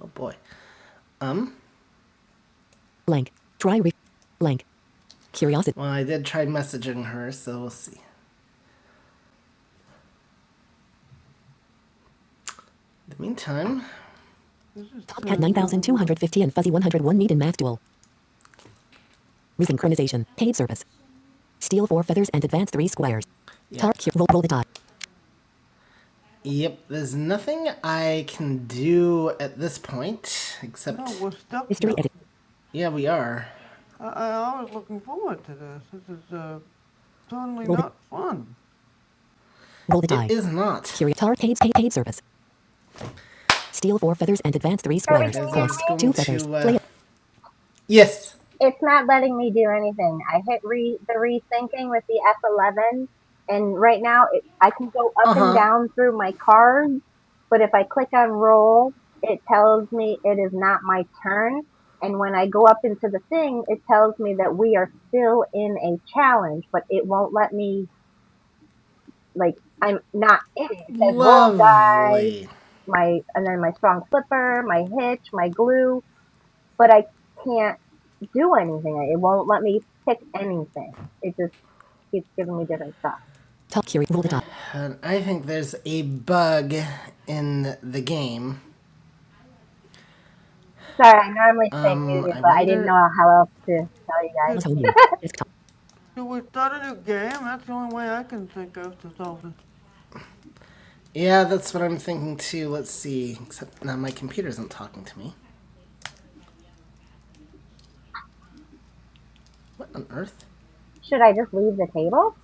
[SPEAKER 1] Oh boy. Um. Blank. Try re. Blank. Curiosity. Well, I did try messaging her, so we'll see. In the meantime, Top cat 9250 and fuzzy 101 meet in math duel. Resynchronization. Paid service. Steal four feathers and advance three squares. yeah. Tar. Roll, roll the die. Yep. There's nothing I can do at this point No, except. Oh, we're stuck History edit. Yeah, we are. I, was looking forward to this. This is uh, totally Roll not the- fun. Roll the die. It is not. Curio Tar paid paid paid service. Steal four feathers and advance three
[SPEAKER 3] Kirby, can
[SPEAKER 1] squares. Because
[SPEAKER 3] you hear
[SPEAKER 1] Cost
[SPEAKER 3] me?
[SPEAKER 1] two feathers. to. Uh, Play yes.
[SPEAKER 3] It's not letting me do anything. I hit re the rethinking with the F11, and right now it, I can go up and down through my cards, but if I click on roll, it tells me it is not my turn. And when I go up into the thing, it tells me that we are still in a challenge, but it won't let me like I'm not in it. It says roll die,
[SPEAKER 1] Lovely.
[SPEAKER 3] my and then my strong flipper, my hitch, my glue, but I can't. do anything. It won't let me pick anything. It just keeps giving me different stuff.
[SPEAKER 1] top Curio. Roll the die. And I think there's a bug in the game.
[SPEAKER 3] Sorry, I normally stay
[SPEAKER 1] Um,
[SPEAKER 3] muted,
[SPEAKER 1] I
[SPEAKER 3] but I didn't know
[SPEAKER 1] wonder.
[SPEAKER 3] how else to tell you guys.
[SPEAKER 1] Was home you. Desktop. Do we start a new game? That's the only way I can think of to solve it. Yeah, that's what I'm thinking too. Let's see. Except now my computer isn't talking to me. What on earth?
[SPEAKER 3] Should I just leave the table?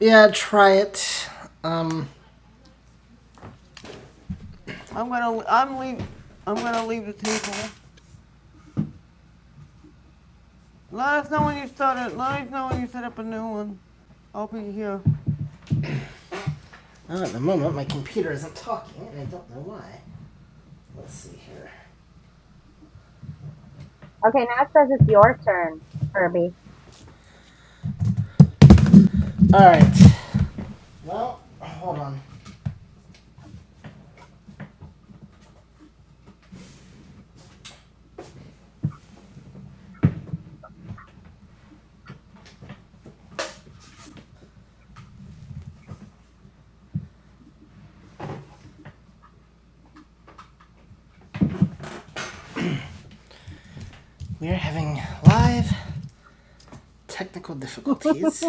[SPEAKER 1] Yeah, try it. Um, I'm gonna, I'm leave, I'm gonna leave the table. Let us know when you start it. Let us know when you set up a new one. I'll be here. not at the moment, my computer isn't talking, and I don't know why. Let's see here.
[SPEAKER 3] Okay, now it says it's your turn, Kirby.
[SPEAKER 1] Alright. Well, hold on. We're having live technical difficulties.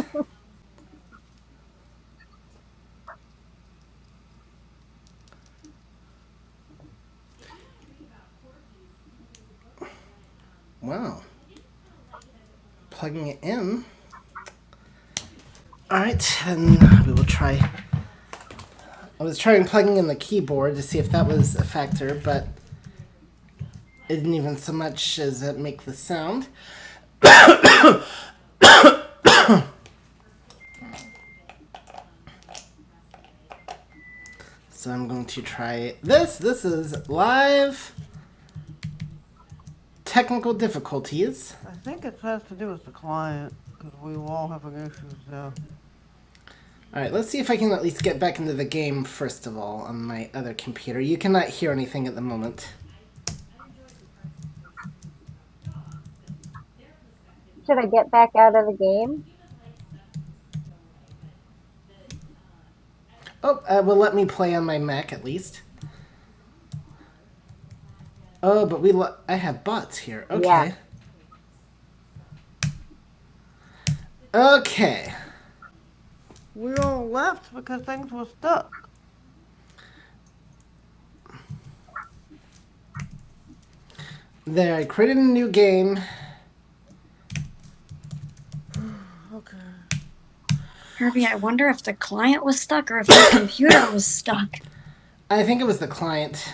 [SPEAKER 1] Wow. Plugging it in. Alright, and we will try. I was trying plugging in the keyboard to see if that was a factor, but isn't even so much as that make the sound. So I'm going to try this. This is live technical difficulties. I think it has to do with the client, because we all have issues now. All right, let's see if I can at least get back into the game first of all on my other computer. You cannot hear anything at the moment.
[SPEAKER 3] Should I get back out of the game?
[SPEAKER 1] Oh, uh, will let me play on my Mac at least. Oh, but we lo- I have bots here.
[SPEAKER 3] Yeah.
[SPEAKER 1] Okay. Okay. We all left because things were stuck. There, I created a new game Harvey, I wonder if the client was stuck or if the computer was stuck. I think it was the client.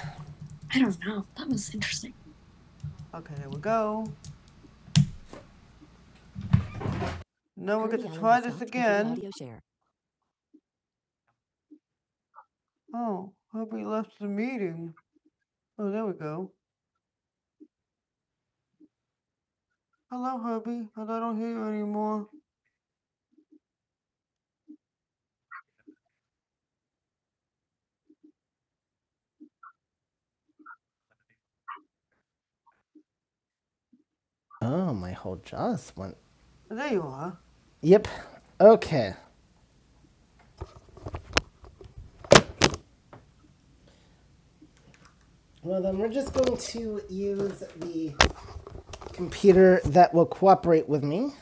[SPEAKER 1] I don't know. That was interesting. Okay, there we go. Now we'll get to try this again. Oh, Herbie left the meeting. Oh, there we go. Hello, Herbie. I don't hear you anymore. Oh, my whole jaws went. There you are. Yep. Okay. Well, then we're just going to use the computer that will cooperate with me.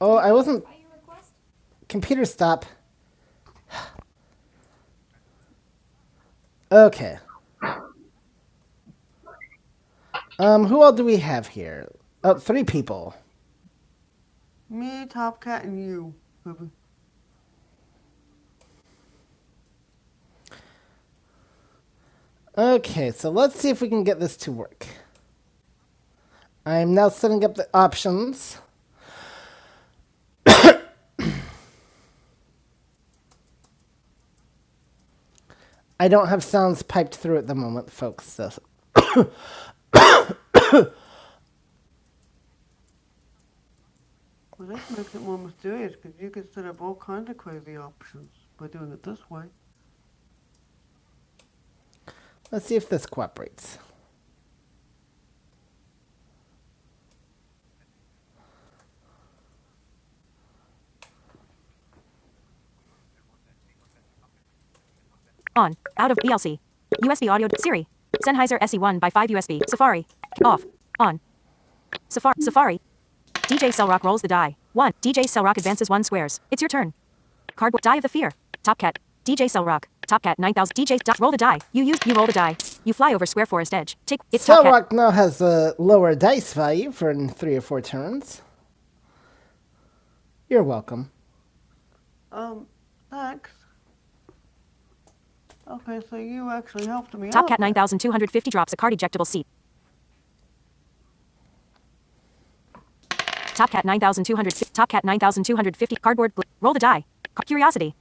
[SPEAKER 1] Oh, I wasn't. Computer stop. Okay. Um, who all do we have here? Oh, three people. Me, Top Cat, and you, Ruby. Okay, so let's see if we can get this to work. I am now setting up the options. I don't have sounds piped through at the moment, folks. So Well, that makes it more mysterious because you can set up all kinds of crazy options by doing it this way. let's see if this cooperates. On. Out of ELC. USB audio. Siri. Sennheiser SE1 by 5 USB. Safari. Off. On. Safari. Safari. DJ Cellrock rolls the die. One. DJ Cellrock advances one squares. It's your turn. Cardboard die of the fear. Top cat. DJ Cellrock. Top cat 9000. DJ dot roll the die. You use. You roll the die. You fly over square forest edge. Take. It's Cellrock. top cat. Cellrock now has a lower dice value for three or four turns. You're welcome. Um, thanks. Okay, so you actually helped me Top out. cat 9250 drops a card ejectable seat. Top cat 9250. Top cat 9250. Cardboard. Bl- roll the die. Curiosity.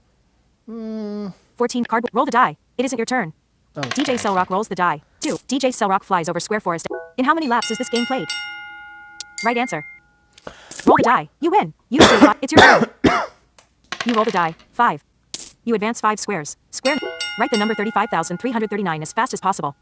[SPEAKER 1] 14 card. Roll the die. It isn't your turn. DJ Cellrock rolls the die. 2. DJ Cellrock flies over Square Forest. In how many laps is this game played? Right answer. Roll the die. You win. You do It's your turn. You roll the die. 5. You advance 5 squares. Square. Write the number 35,339 as fast as possible.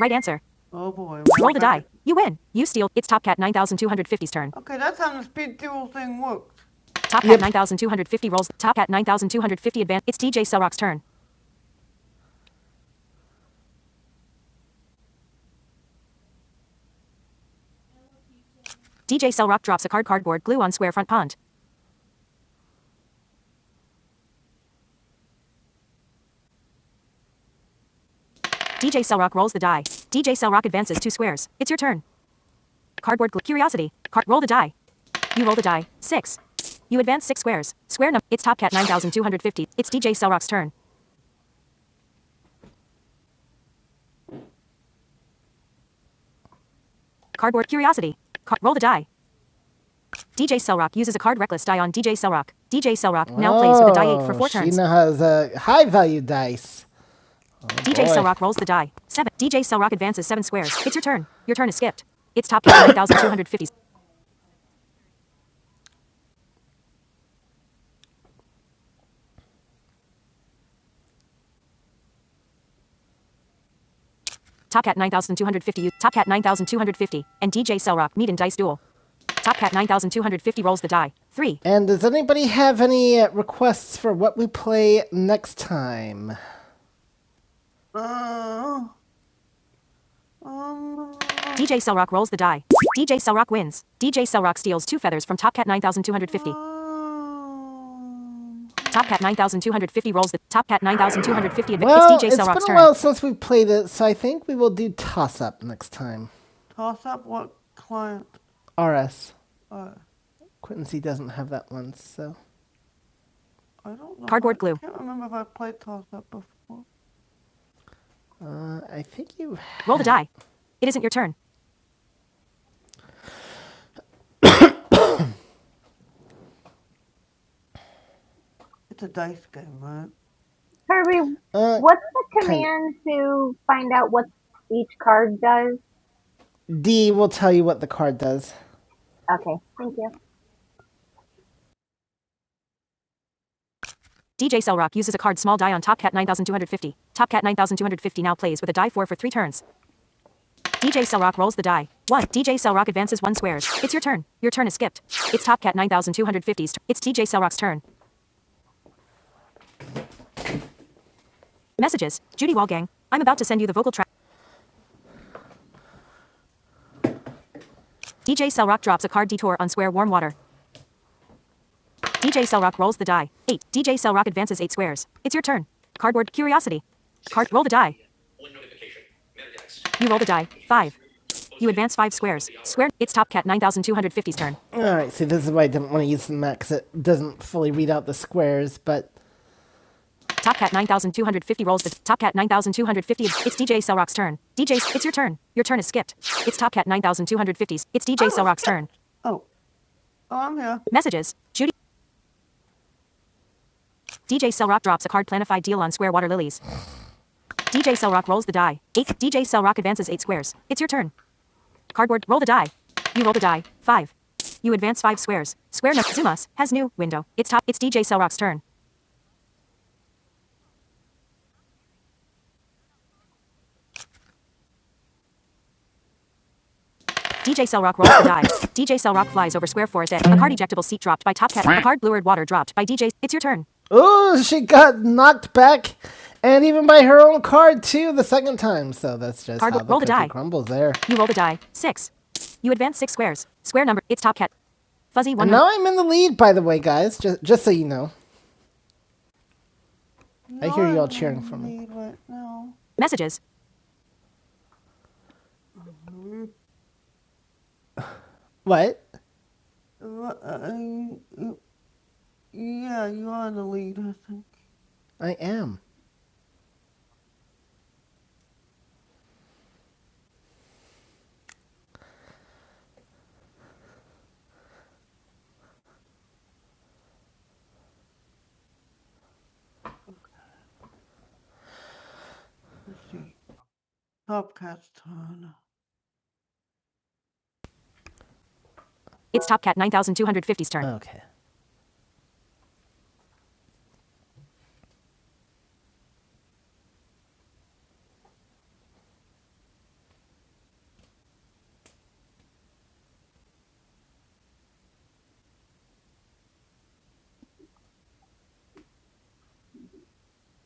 [SPEAKER 1] Right answer. Oh boy. Roll the die. Okay. You win. You steal. It's Top Cat nine thousand two hundred fifty's turn. Okay, that's how the speed duel thing works. Top Cat 9250 rolls. Top Cat 9250 advance. It's DJ Cellrock's turn. DJ Cellrock drops a card cardboard glue on Square Front Pond. DJ Cellrock rolls the die. DJ Cellrock advances two squares. It's your turn. Cardboard gl- curiosity. Card roll the die. You roll the die. Six. You advance six squares. Square number. It's Top Cat 9250. It's DJ Cellrock's turn. Cardboard curiosity. Card roll the die. DJ Cellrock uses a card reckless die on DJ Cellrock. DJ Cellrock oh, now plays with a die eight for four she turns. She now has uh, high value dice. DJ Boy. Cellrock rolls the die. Seven. DJ Cellrock advances seven squares. It's your turn. Your turn is skipped. It's Top Cat 9250. Topcat 9250, u- Topcat 9250, and DJ Cellrock meet in Dice Duel. Topcat 9250 rolls the die. 3. And does anybody have any uh, requests for what we play next time? Uh, DJ Selrock rolls the die. DJ Selrock wins. DJ Selrock steals two feathers from Top Cat 9250. Top Cat 9250 rolls the Top Cat 9250. adv- Well, it's DJ it's been a while since we played it, so I think we will do toss up next time. Toss up what client? RS. Quincy doesn't have that one, so I don't know. Cardboard I glue. I can't remember if I played toss up before. uh, I think you. Roll the die. It isn't your turn. It's a dice game, right?
[SPEAKER 3] Kirby.
[SPEAKER 1] Uh,
[SPEAKER 3] what's the
[SPEAKER 1] kind of.
[SPEAKER 3] command to find out what each card does?
[SPEAKER 1] D will tell you what the card does.
[SPEAKER 3] Okay, thank you.
[SPEAKER 1] DJ Cellrock uses a card small die on Top Cat 9250. Top Cat 9250 now plays with a die 4 for 3 turns. DJ Cellrock rolls the die. 1. DJ Cellrock advances 1 squares. It's your turn. Your turn is skipped. It's Top Cat 9250's turn. It's DJ Cellrock's turn. Messages. Judy Wallgang. I'm about to send you the vocal track. DJ Cellrock drops a card detour on square warm water. DJ Cellrock rolls the die. 8. DJ Cellrock advances 8 squares. It's your turn. Cardboard curiosity. Card roll the die. You roll the die. 5. You advance five squares. Square. It's top cat 9250's turn. Alright, see, this is why I didn't want to use the cause it doesn't fully read out the squares, but Top cat 9250 rolls the top cat 9250. It's DJ Selrock's turn. DJ, it's your turn. Your turn is skipped. It's top cat 9250's. It's DJ Selrock's turn. Oh, oh, I'm here. Messages. Judy. DJ Selrock drops a card planified deal on square water lilies. DJ Selrock rolls the die. 8. DJ Selrock advances 8 squares. It's your turn. Cardboard. Roll the die. You roll the die. Five. You advance five squares. Square number Zumas has new window. It's top. It's DJ Cellrock's turn. DJ Cellrock rolls the die. DJ Cellrock flies over square forest. A a card ejectable seat dropped by Top Cat. A card bluered water dropped by DJ. It's your turn. Oh, she got knocked back, and even by her own card too the second time. So that's just Card- how the roll the die. crumbles there. You roll the die. Six. You advance six squares. Square number. It's Top Cat. Fuzzy one. And now I'm in the lead, by the way, guys. Just just so you know. No, I hear you all cheering for me. no. Messages. What? Uh, uh, yeah, you are the lead, I think. I am. Let's see. Top cat's turn. It's Top Cat 9250's turn. Okay.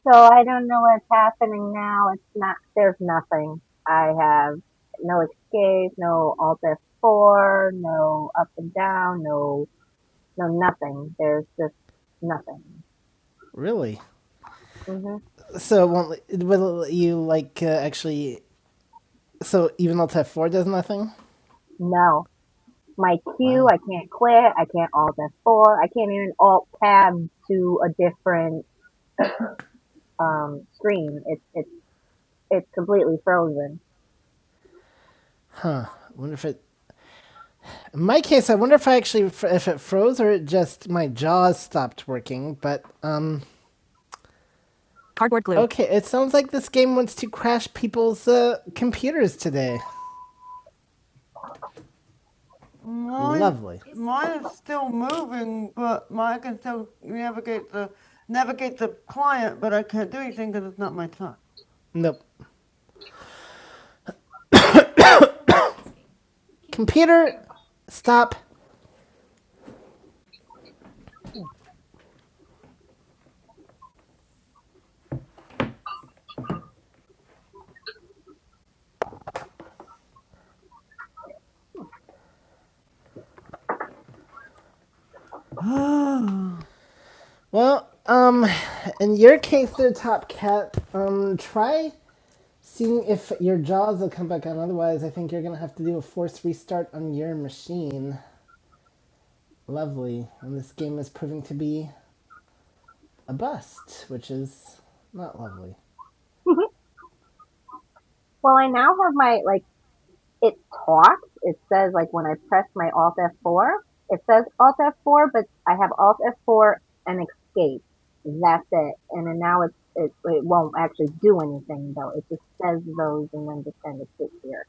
[SPEAKER 3] So I don't know what's happening now. It's not, there's nothing. I have no escape, no alt F4, no up and down, no, no nothing. There's just nothing.
[SPEAKER 1] Really?
[SPEAKER 3] hmm
[SPEAKER 1] So won't will you like uh, actually? So even though Type Four does nothing.
[SPEAKER 3] No. My queue,
[SPEAKER 1] Wow.
[SPEAKER 3] I can't quit. I can't alt F4. I can't even alt tab to a different, um, screen. It's, it's, it's completely frozen.
[SPEAKER 1] I wonder if it. In my case, I wonder if I actually if it froze or it just my jaws stopped working. But um. Cardboard glue. Okay, it sounds like this game wants to crash people's uh, computers today. Mine, Lovely. Mine is still moving, but mine can still navigate the navigate the client, but I can't do anything because it's not my time. Nope. Computer, stop. Well, um, in your case, there, Top Cat, um, try seeing if your jaws will come back on. Otherwise, I think you're gonna have to do a force restart on your machine. Lovely. And this game is proving to be a bust, which is not lovely.
[SPEAKER 3] well, I now have my, like, it talks. It says like when I press my Alt F4, it says Alt F4, but I have Alt F4 and escape. That's it. And then now it's, it, it won't actually do anything though. It just says those and then just kind of sits here.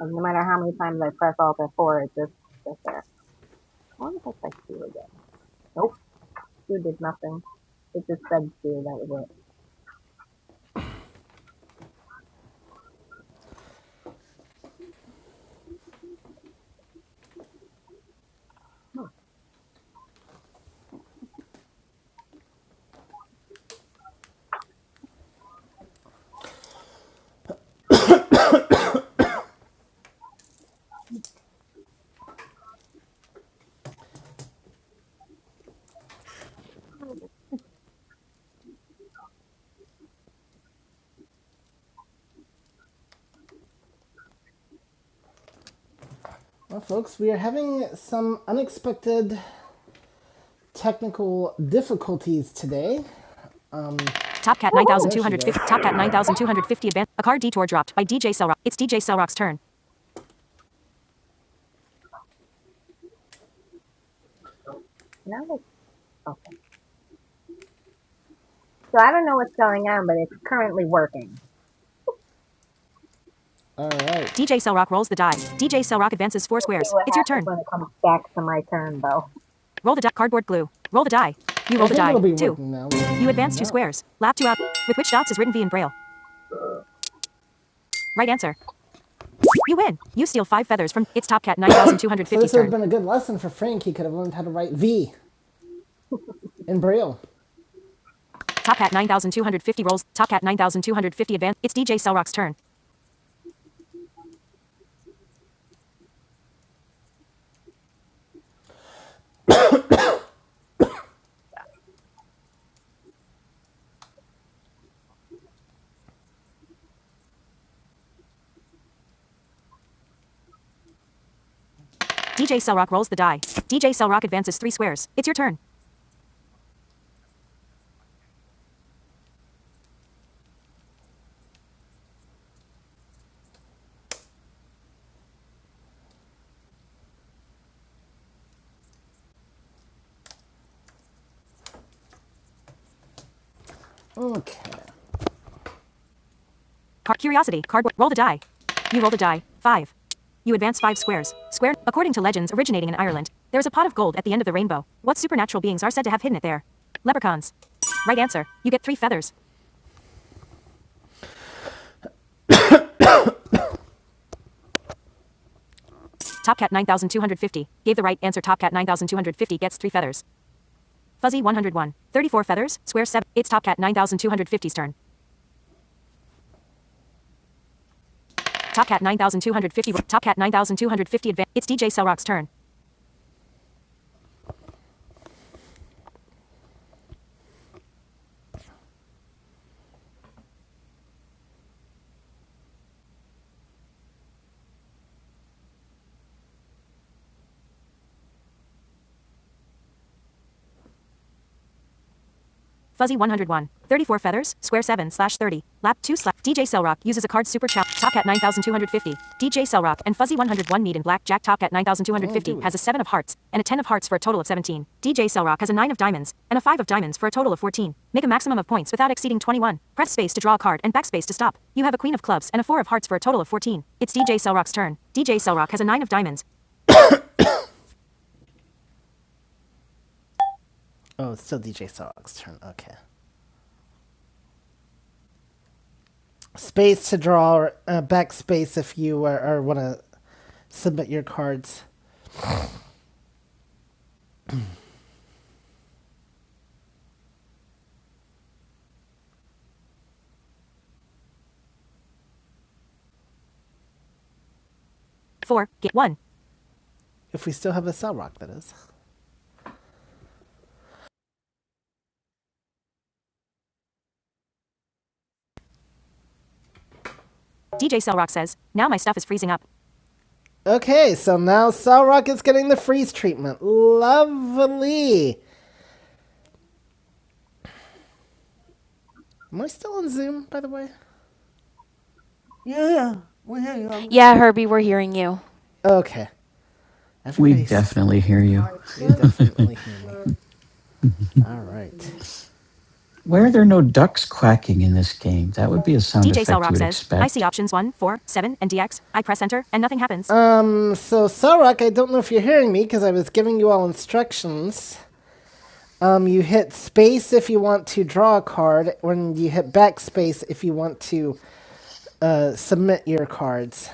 [SPEAKER 3] And no matter how many times I press Alt F4, it just sits there. I wonder if I press two again. Nope. two did nothing. It just said two. That was it.
[SPEAKER 1] Well, folks, we are having some unexpected technical difficulties today. Topcat
[SPEAKER 3] Woohoo!
[SPEAKER 1] 9250. Top Cat
[SPEAKER 3] It's back.
[SPEAKER 1] 9250 advance. A card detour dropped by DJ Cellrock. It's DJ Cellrock's turn.
[SPEAKER 3] Now it's, okay. So I don't know what's going on, but it's currently working.
[SPEAKER 1] DJ Cellrock rolls the die. DJ Cellrock advances four
[SPEAKER 3] We'll see
[SPEAKER 1] squares.
[SPEAKER 3] what
[SPEAKER 1] It's your
[SPEAKER 3] happens
[SPEAKER 1] turn.
[SPEAKER 3] when it comes back to my turn, though.
[SPEAKER 1] Roll the die. Cardboard glue. Roll the die. You roll the die. Two. You advance two squares. Lap two out. With which dots is written V in Braille? Right answer. You win. You steal five feathers from its top cat 9250 this would have been a good lesson for Frank. He could have learned how to write V in Braille. Top cat 9250 rolls. Top cat 9250 advance. It's DJ Cellrock's turn. DJ Cellrock rolls the die. DJ Cellrock advances three squares. It's your turn. Okay. Car- curiosity. Cardboard. Roll the die. You roll the die. Five. You advance five squares. Square. According to legends originating in Ireland, there is a pot of gold at the end of the rainbow. What supernatural beings are said to have hidden it there? Leprechauns. Right answer. You get three feathers. Topcat 9250. Gave the right answer. Topcat 9250 gets three feathers. Fuzzy 101. 34 feathers. Square 7. It's Topcat 9250's turn. Topcat 9250. Topcat 9250 advance. It's DJ Cellrock's turn. Fuzzy 101. 34 feathers. Square 7 slash 30. Lap 2 slash. DJ Cellrock uses DJ Cell and Fuzzy 101 Need in Black Jack Top at 9250 has a 7 of hearts and a 10 of hearts for a total of 17. DJ Cell has a 9 of diamonds and a 5 of diamonds for a total of 14. Make a maximum of points without exceeding 21. Press space to draw a card and backspace to stop. You have a queen of clubs and a 4 of hearts for a total of 14. It's DJ Cell turn. DJ Cell has a 9 of diamonds. Oh, it's still DJ Sog's turn. Okay. Space to draw, or, uh, backspace if you are, or want to submit your cards. 4. Get 1. If we still have a cell that is. DJ Cell says, Now my stuff is freezing up. Okay, so now Solrock is getting the freeze treatment. Lovely. Am I still on Zoom, by the way? Yeah, yeah. We hear you. Yeah, Herbie, we're hearing you. Okay. Everybody's... We definitely hear you. you definitely hear me. All right. Why are there no ducks quacking in this game? That would be a sound DJ effect Solrock you Cellrock would says, expect. I see options one, 4, 7, and DX. I press enter, and nothing happens. Um, so Solrock, I don't know if you're hearing me because I was giving you all instructions. Um, you hit space if you want to draw a card, and you hit backspace if you want to uh, submit your cards.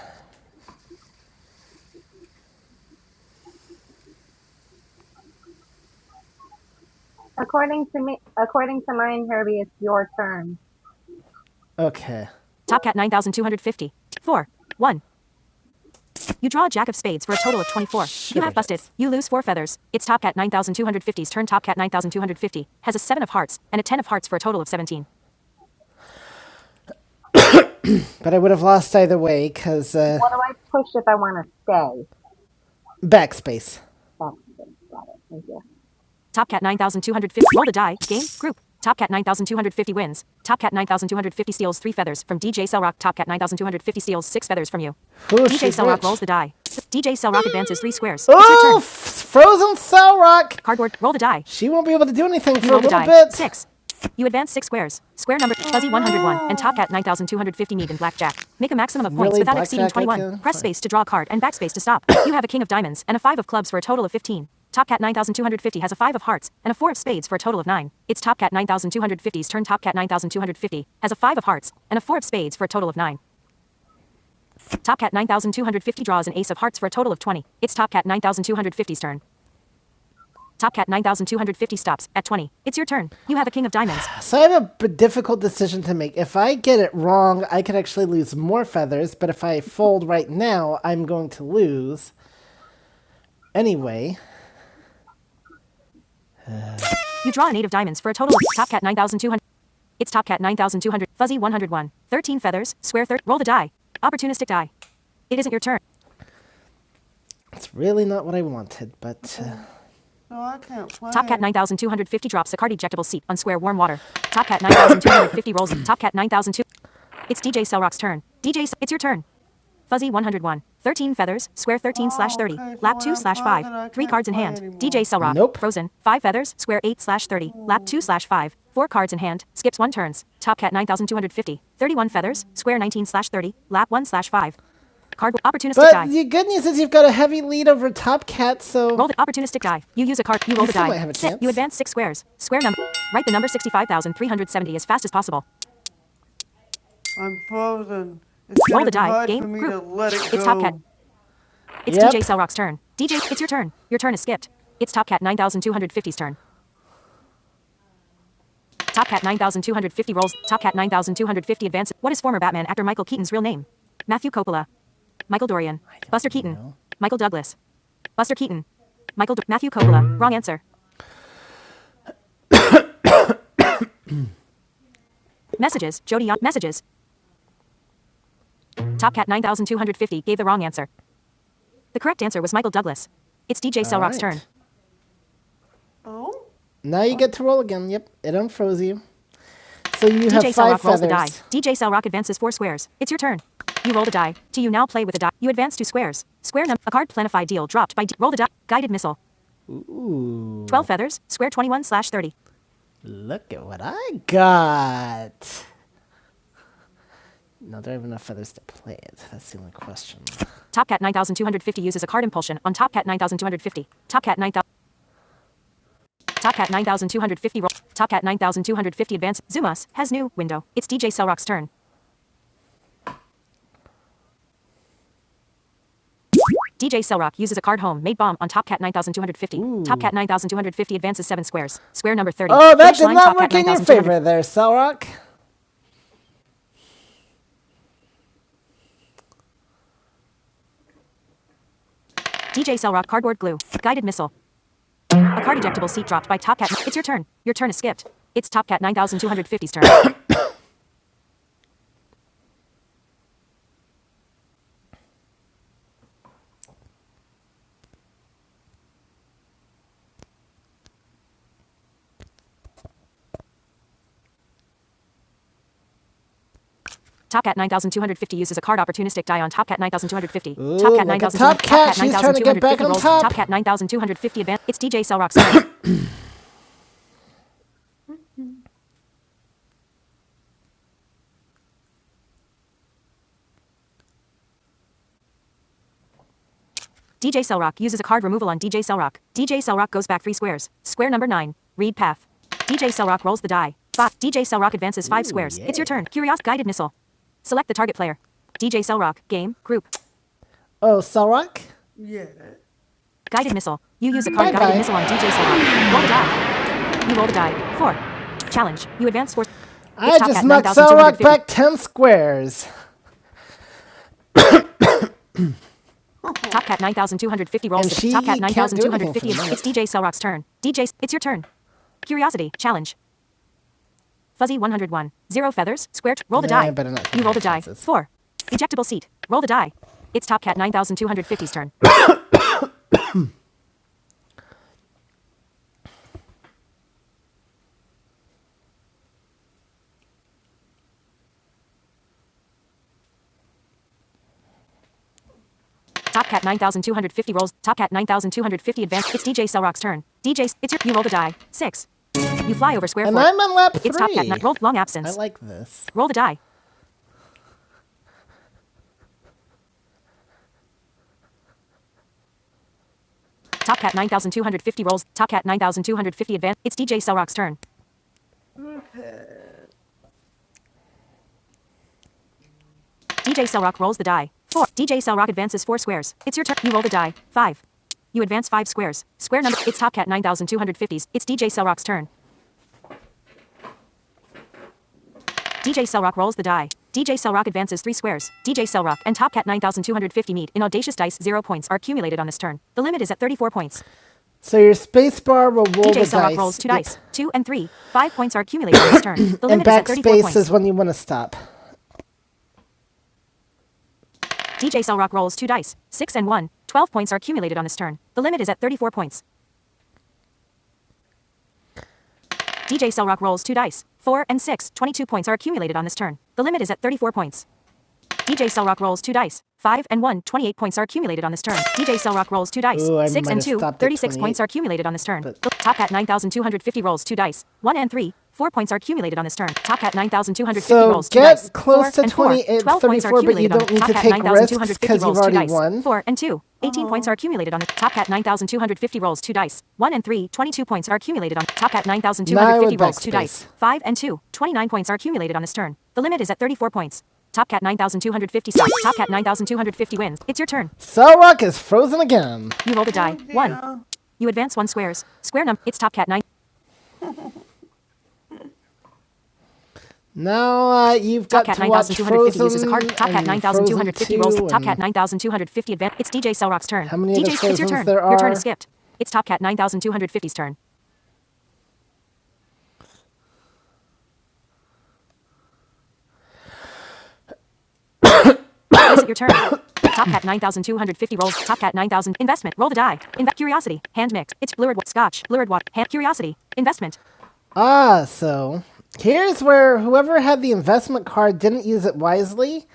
[SPEAKER 3] According to me, according to mine, Herbie, it's your turn.
[SPEAKER 1] Okay. Top cat 9,250. 4. 1. You draw a jack of spades for a total of 24. Sure You have busted. Is. You lose 4 feathers. It's Top Cat nine thousand two hundred fifty's turn. Top Cat 9,250 has a 7 of hearts and a 10 of hearts for a total of 17. But I would have lost either way because uh,
[SPEAKER 3] What do I push if I want to stay?
[SPEAKER 1] backspace.
[SPEAKER 3] That's it. Got it. Thank you.
[SPEAKER 1] Top Cat 9,250. Roll the die. Game. Group. Top Cat 9,250 wins. Top Cat 9,250 steals three feathers from DJ Cellrock. Top Cat 9,250 steals six feathers from you. Ooh, DJ she's Cellrock rolls the die. DJ Cellrock advances three squares. It's oh, your Oh, turn. frozen cell rock. Cardboard. Roll the die. She won't be able to do anything for a Roll the little die. bit. Six. You advance six squares. Square number fuzzy 101 and top cat 9250 need in blackjack. Make a maximum of points Really? without blackjack exceeding 21. Press space to draw a card and backspace to stop. you have a king of diamonds and a five of clubs for a total of 15. Top cat 9250 has a five of hearts and a four of spades for a total of nine. It's top cat nine thousand two hundred fifty's turn. Top cat 9250 has a five of hearts and a four of spades for a total of nine. Top cat 9250 draws an ace of hearts for a total of 20. It's top cat nine thousand two hundred fifty's turn. Top cat 9,250 stops at 20. It's your turn. You have a king of diamonds. So I have a difficult decision to make. If I get it wrong, I could actually lose more feathers, but if I fold right now, I'm going to lose anyway. You draw an eight of diamonds for a total of top cat 9,200. It's top cat 9,200. Fuzzy 101. 13 feathers. Square 30. Roll the die. Opportunistic die. It isn't your turn. It's really not what I wanted, but uh, No, I can't play. Top cat 9,250 drops a card ejectable seat on square warm water. Top cat 9,250 rolls. Top cat 9,200. It's DJ Cellrock's turn. DJ, it's your turn. Fuzzy 101. 13 feathers, square 13 slash 30, Okay, so lap 2 slash 5, 3 cards in hand, DJ Cellrock, Nope. frozen, 5 feathers, square 8 slash 30, lap 2 slash 5, 4 cards in hand, skips 1 turns, top cat 9250, feathers, square 19 slash 30, lap 1 slash 5. Card, opportunistic But die. the good news is you've got a heavy lead over Top Cat, so Roll the opportunistic die. You use a card. You roll you the die. have a Sit. You advance six squares. Square number. Write the number 65,370 as fast as possible. I'm frozen. It's Roll the die. Game. Group. It's Top Cat. It's Yep. DJ Cellrock's turn. DJ, it's your turn. Your turn is skipped. It's Top Cat nine thousand two hundred fifty's turn. Top Cat 9250 rolls. Top Cat 9250 advances. What is former Batman actor Michael Keaton's real name? Matthew Coppola. Michael Dorian. Buster Keaton. Know. Michael Douglas. Buster Keaton. Michael Do- Matthew Coppola. Wrong answer. Messages. Jody Young. Messages. Top Cat 9250 gave the wrong answer. The correct answer was Michael Douglas. It's DJ Cellrock's Alright. turn. Now you get to roll again. Yep, it unfroze you. So you DJ have five Rock rolls feathers. the die. DJ Cell advances four squares. It's your turn. You roll the die. To you now play with a die. You advance two squares. Square number. a card planified deal dropped by D- roll the die. Guided missile. Twelve Ooh. feathers. Square twenty one slash thirty. Look at what I got. No, there are enough feathers to play it. That's the only question. Topcat 9250 uses a card impulsion on Topcat 9250. Topcat Cat 9000 9250 roll. Topcat 9250 advance. Zumas has new window. It's DJ Cell turn. DJ Cellrock uses a card home made bomb on top cat 9250. Top cat 9250 advances 7 squares. Square number 30. Oh, that Finish did line, not top cat work Cat in your favor there, Cellrock. DJ Cellrock cardboard glue. Guided missile. A card ejectable seat dropped by Top Cat. It's your turn. Your turn is skipped. It's Top Cat 9250's turn. Top Cat 9250 uses a card opportunistic die on Top Cat 9250. look 9,250. Top Cat. She's trying to get back on top. Cat, Top Cat 9250 advance. It's DJ Cellrock's turn. DJ Cellrock uses a card removal on DJ Cellrock. DJ Cellrock goes back three squares. Square number nine. Read path. DJ Cellrock rolls the die. Five. DJ Cellrock advances five Ooh, squares. Yeah. It's yeah. your turn. Curious guided missile. Select the target player. DJ Cellrock. Game. Group. Oh, Solrock? Guided missile. You use a card Bye-bye. guided bye. missile on DJ Cellrock. Roll the die. You roll the die. Four. Challenge. You advance four. I just knocked 9,250. back 10 squares. Top Cat 9,250 rolls. And Top Cat 9,250. minute. It's DJ Cellrock's turn. DJ, it's your turn. Curiosity. Challenge. Fuzzy 101. Zero feathers. Square. t- roll the No, die. you roll the die. Four. Ejectable seat. Roll the die. It's Top Cat 9,250's turn. Top Cat 9,250 rolls. Top Cat 9,250 advance. It's DJ Cellrock's turn. DJ, it's your. You roll the die. Six. You fly over square And four. I'm on lap three. It's Top Cat. three. Ni- Roll long absence. I like this. Roll the die. Top Cat 9,250 rolls. Top Cat 9,250 advance. It's DJ Cellrock's turn. DJ Cellrock rolls the die. Four. DJ Cellrock advances four squares. It's your turn. You roll the die. Five. You advance five squares. Square number. It's Top Cat 9250s. It's DJ Cellrock's turn. DJ Cellrock rolls the die. DJ Cellrock advances three squares. DJ Cellrock and Top Cat 9250 meet in Audacious Dice. Zero points are accumulated on this turn. The limit is at 34 points. So your space bar will roll DJ the Selrock dice. DJ Cellrock rolls two Yep. dice. Two and three. Five points are accumulated on this turn. The limit And limit is at 34 backspace points. is when you want to stop. DJ Cellrock rolls two dice. Six and one. 12 points are accumulated on this turn. The limit is at 34 points. DJ Cellrock rolls two dice. Four and six. 22 points are accumulated on this turn. The limit is at 34 points. DJ Cellrock rolls two dice. 5 and 1, 28 points are accumulated on this turn. DJ Cellrock rolls two dice. Ooh, 6 and have 2, 36 points are accumulated on this turn. but- Top Cat 9250 rolls two dice. 1 and 3, 4 points are accumulated on this turn. Top Cat 9250 So rolls two get dice. So get close Four to and four, 12 points are but you accumulated on don't need to take risks 9250 'cause you've rolls two already dice. won. 4 and 2, 18 Aww. points are accumulated on the Top Cat 9250 rolls two dice. 1 and 3, 22 points are accumulated on Top Cat 9250 rolls two dice. 5 and 2, 29 points are accumulated on this turn. The limit is at 34 points. Topcat 9,250 stars. Topcat 9,250 wins. It's your turn. Sarok is frozen again. You rolled a die. One. You advance one squares. Square num. It's Topcat 9. Now uh, you've Top got Cat to watch 9,250 uses a card. Topcat 9,250 rolls. Topcat 9,250 advance. It's DJ Cellrock's turn. How many DJ, it's your turn. Your turn is skipped. It's Topcat nine thousand two hundred fifty's turn. Is it your turn? Topcat 9,250 rolls. Topcat 9,000. Investment. Roll the die. Inve- curiosity. Hand mix. It's lured wa- scotch. Lured water. Hand curiosity. Investment. Ah, so here's where whoever had the investment card didn't use it wisely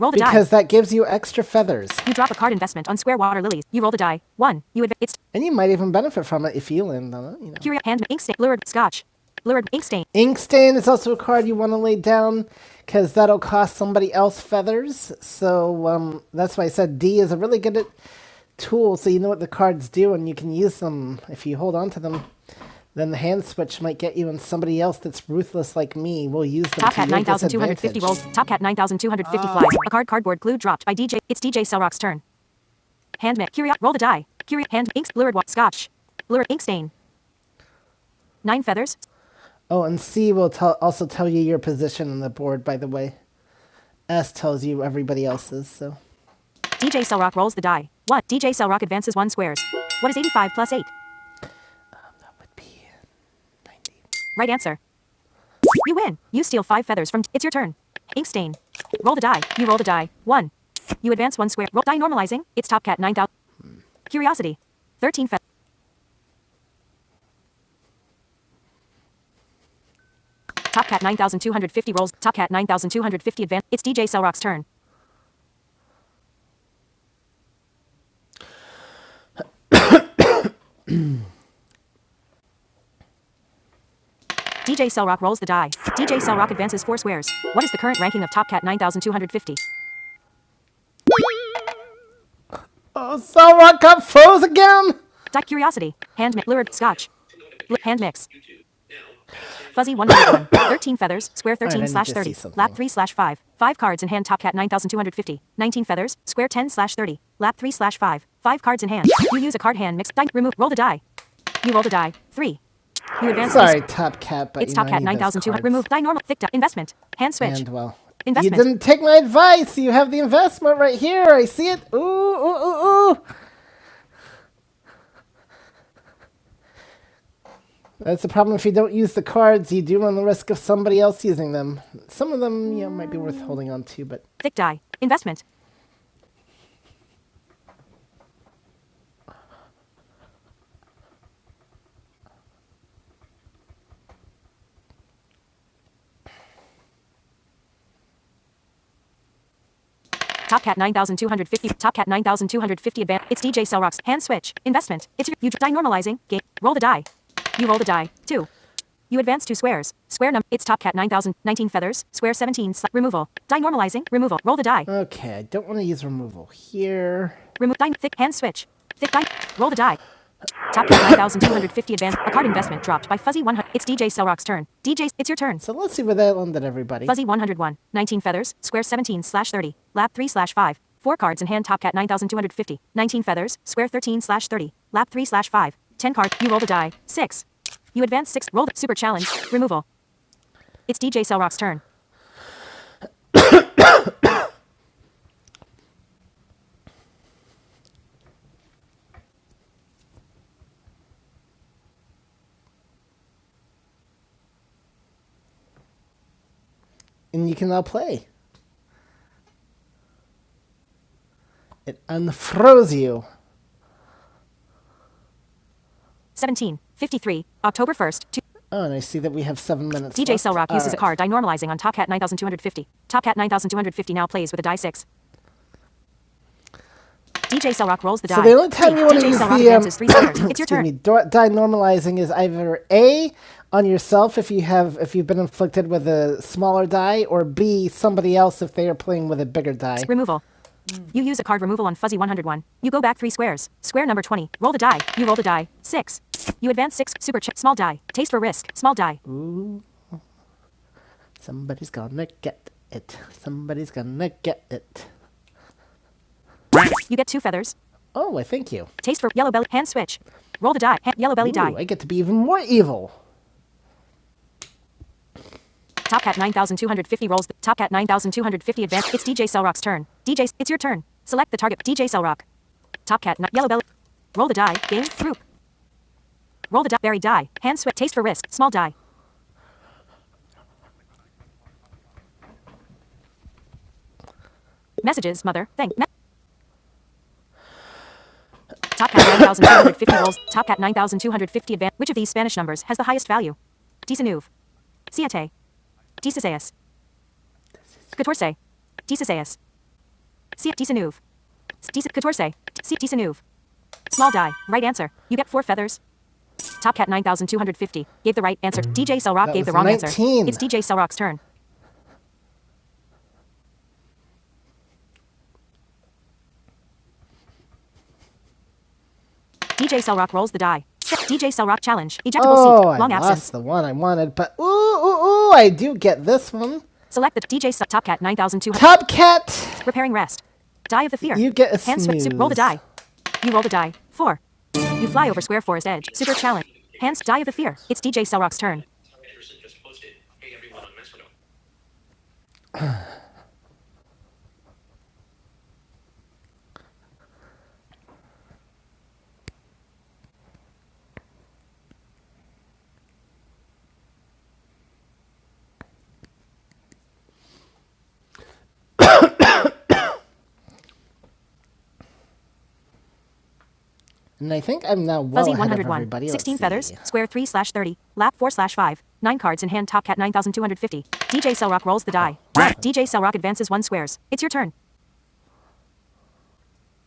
[SPEAKER 1] Roll the because die. because that gives you extra feathers. You drop a card investment on square water lilies. You roll the die. One. You adv- it's And you might even benefit from it if you land on it, you know. Curia hand ink stain lured scotch. lured ink stain. Ink stain is also a card you want to lay down because that'll cost somebody else feathers. So um, that's why I said D is a really good at- tool. So you know what the cards do and you can use them if you hold on to them. Then the hand switch might get you, and somebody else that's ruthless like me will use them Top to Cat 9,250 disadvantage. rolls. Top Cat 9,250 flies. A card cardboard glued dropped by DJ. It's DJ Cellrock's turn. Hand ma- Curio. Roll the die. Curio. Hand. Inks. Lurid. Wa- Scotch. Lurid. Ink stain. Nine feathers. Oh, and C will tell also tell you your position on the board. By the way, S tells you everybody else's. So DJ Cellrock rolls the die. One. DJ Cellrock advances one squares. What is 85 plus 8? Right answer. You win. You steal five feathers from. T it's your turn. Ink stain. Roll the die. You roll the die. One. You advance one square. Roll die normalizing. It's top cat 9000. Curiosity. 13 feathers. Top cat 9250 rolls. Top cat 9250 advance. It's DJ Cellrock's turn. DJ Cellrock rolls the die. DJ Cellrock advances four squares. What is the current ranking of Top Cat 9250? Oh, Cell Rock got froze again? Di- curiosity. Hand mix. lured. Scotch. Li- hand mix. Fuzzy 101. 13 feathers, square 13 slash 30. Lap 3 slash 5. 5 cards in hand, top cat 9250. 19 feathers, square 10 slash 30. Lap 3 slash 5. 5 cards in hand. You use a card hand mix. Dine, remove, roll the die. You roll the die. 3. You advance. Sorry, Top Cat, but It's top cat 9200. Remove, die normal, thick die, investment. Hand switch. And well, Investment. you didn't take my advice. You have the investment right here. I see it. Ooh, ooh, ooh, ooh. That's the problem. If you don't use the cards, you do run the risk of somebody else using them. Some of them, you know, might be worth holding on to, but Thick die. Investment. Top cat 9250. Top cat 9250 advance. It's DJ Cellrox. Hand switch. Investment. It's your, you die normalizing. Game. Roll the die. You roll the die. Two. You advance two squares. Square number. It's top cat 9000. 19 feathers. Square 17. Sli- removal. Die normalizing. Removal. Roll the die. okay. I don't want to use removal here. Remove. Die. Thick hand switch. Thick die. Roll the die. Top 9,250 advance. A card investment dropped by Fuzzy 100. It's DJ Selrock's turn. DJ, it's your turn. So let's see where that landed, everybody. Fuzzy 101. 19 feathers. Square 17 slash 30. Lap 3 slash 5. Four cards in hand. Top cat 9,250. 19 feathers. Square 13 slash 30. Lap 3 slash 5. 10 card. You rolled a die. 6. You advance 6. Rolled. Super challenge. Removal. It's DJ Selrock's turn. And you can now play. It unfroze you. 17 53, October 1st, two, Oh, and I see that we have seven minutes. DJ left. Cell Rock All uses right. a right. card die normalizing on Top Cat 9250. Top Cat 9250 now plays with a die 6. DJ Cell rolls the die. So the only time Three. you want to use Cell the um, three It's your excuse me, turn. die normalizing is either a on yourself if you have if you've been inflicted with a smaller die, or b somebody else if they are playing with a bigger die. Removal. You use a card removal on fuzzy 101. You go back three squares. Square number 20. Roll the die. You roll the die. Six. You advance six. Super chip. Small die. Taste for risk. Small die. Somebody's gonna get it. Somebody's gonna get it. You get two feathers. Oh, I thank you. Taste for yellow belly. Hand switch. Roll the die. Ha- yellow belly Ooh, die. I get to be even more evil. Top Cat 9250 rolls. The Top Cat 9250 advance. It's DJ Cellrock's turn. DJ, it's your turn. Select the target. DJ Cellrock. Top Cat yellow belly. Roll the die. Game. Throop. Roll the di- buried die. Hand sweat. Taste for risk. Small die. Messages. Mother. Thank. Me- Top cat 9,250 rolls. Top cat 9,250 advance. Which of these Spanish numbers has the highest value? Disanuv. Siete. Disaseas. Catorce. Disaseas. Siete. Disanuv. Dis- Catorce. Siete. Disanuv. Small die. Right answer. You get four feathers. Top cat 9,250 gave the right answer. DJ Selrock gave the was wrong 19. answer. It's DJ Selrock's turn. DJ Cellrock rolls the die. DJ Cellrock challenge. Ejectable Oh, seat. I Long I absence. lost the one I wanted, but ooh, ooh, ooh, I do get this one. Select the DJ Cell- Top Cat 9200. Top Cat. Repairing rest. Die of the fear. You get a Hand swi- roll the die. You roll the die. Four. You fly over square forest edge. Super challenge. Hands die of the fear. It's DJ Cellrock's turn. And I think I'm now well Fuzzy ahead of 101. everybody. 16 feathers. Square 3 slash 30. Lap 4 slash 5. 9 cards in hand. Top cat 9250. DJ Cellrock rolls the die. DJ Cellrock advances 1 squares. It's your turn.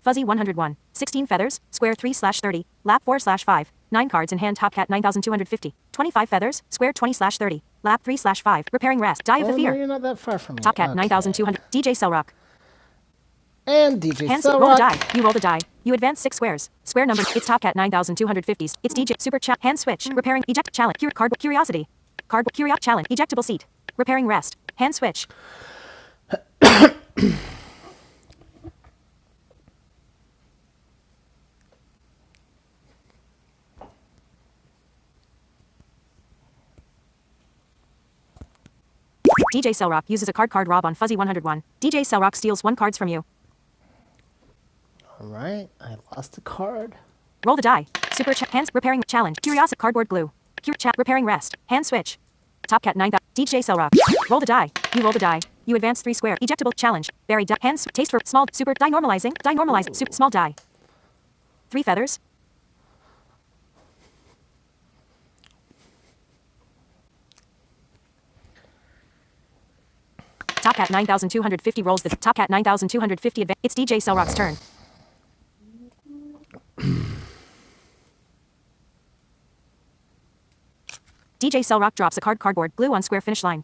[SPEAKER 1] Fuzzy 101, 16 feathers, square 3 slash 30, lap 4 slash 5, 9 cards in hand, top cat 9250. feathers, square 20 slash 30, lap 3 slash 5, repairing rest, die of Oh, the fear. No, you're not that far from me. Top cat Okay. 9200. DJ Cellrock. And DJ Hands, Cell roll a die. You roll the die. You advance six squares. Square number. It's top cat 9250s. It's DJ Super Chat. Hand switch. Repairing. Eject. Challenge. Cure. Cardboard. Curiosity. Card curiosity. Challenge. Ejectable seat. Repairing rest. Hand switch. DJ Cellrock uses a card card rob on Fuzzy 101. DJ Cellrock steals one cards from you. All right, I lost the card. Roll the die. Super chat. Hands repairing challenge. Curiosity. Cardboard glue. Cur- chat repairing rest. Hand switch. Top cat 9000. DJ Cell Rock. Roll the die. You roll the die. You advance three square. Ejectable challenge. Buried die. Hands. Taste for small. Super die normalizing. Die normalized. Super small die. Three feathers. Top cat 9250 rolls the top cat 9250 advance. It's DJ Cell Rock's turn. DJ Cell Rock drops a card cardboard glue on square finish line.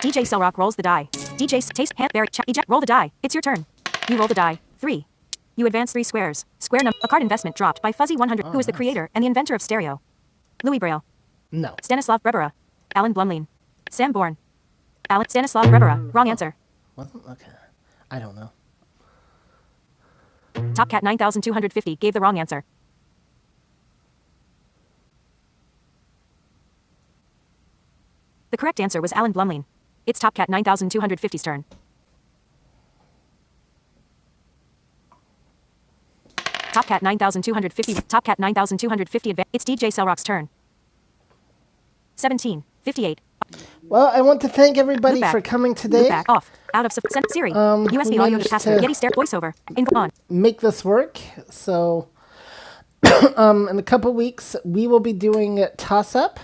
[SPEAKER 1] DJ Cellrock rolls the die. DJ S- Taste Hand Berry Ch- Eject roll the die. It's your turn. You roll the die. Three. You advance three squares. Square number. A card investment dropped by Fuzzy 100, who is the nice. creator and the inventor of stereo. Louis Braille. No. Stanislav Brebera. Alan Blumlein. Sam Bourne. Alan Stanislav Brebera. Wrong answer. Well, okay. I don't know. Top Cat 9250 gave the wrong answer. The correct answer was Alan Blumlein. It's Top Cat nine thousand two hundred fifty's turn. Top Cat 9250. Top Cat 9250. advan- It's DJ Cellrock's turn. 17. 58. Well, I want to thank everybody for coming today. Loopback off. Out of sub- Siri. Um, we USB audio managed capacitor. Yeti stair voiceover. Info on. Make this work. So, um, in a couple weeks, we will be doing Toss Up.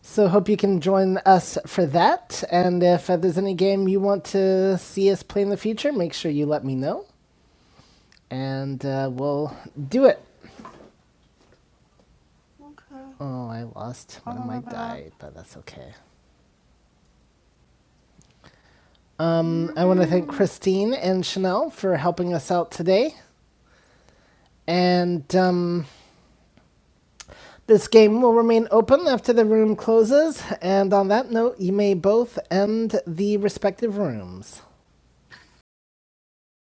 [SPEAKER 1] So, hope you can join us for that. And if uh, there's any game you want to see us play in the future, make sure you let me know. And uh, we'll do it. Oh, I lost one of my die, but that's okay. Um, I want to thank Christine and Chanel for helping us out today. And um, this game will remain open after the room closes. And on that note, you may both end the respective rooms.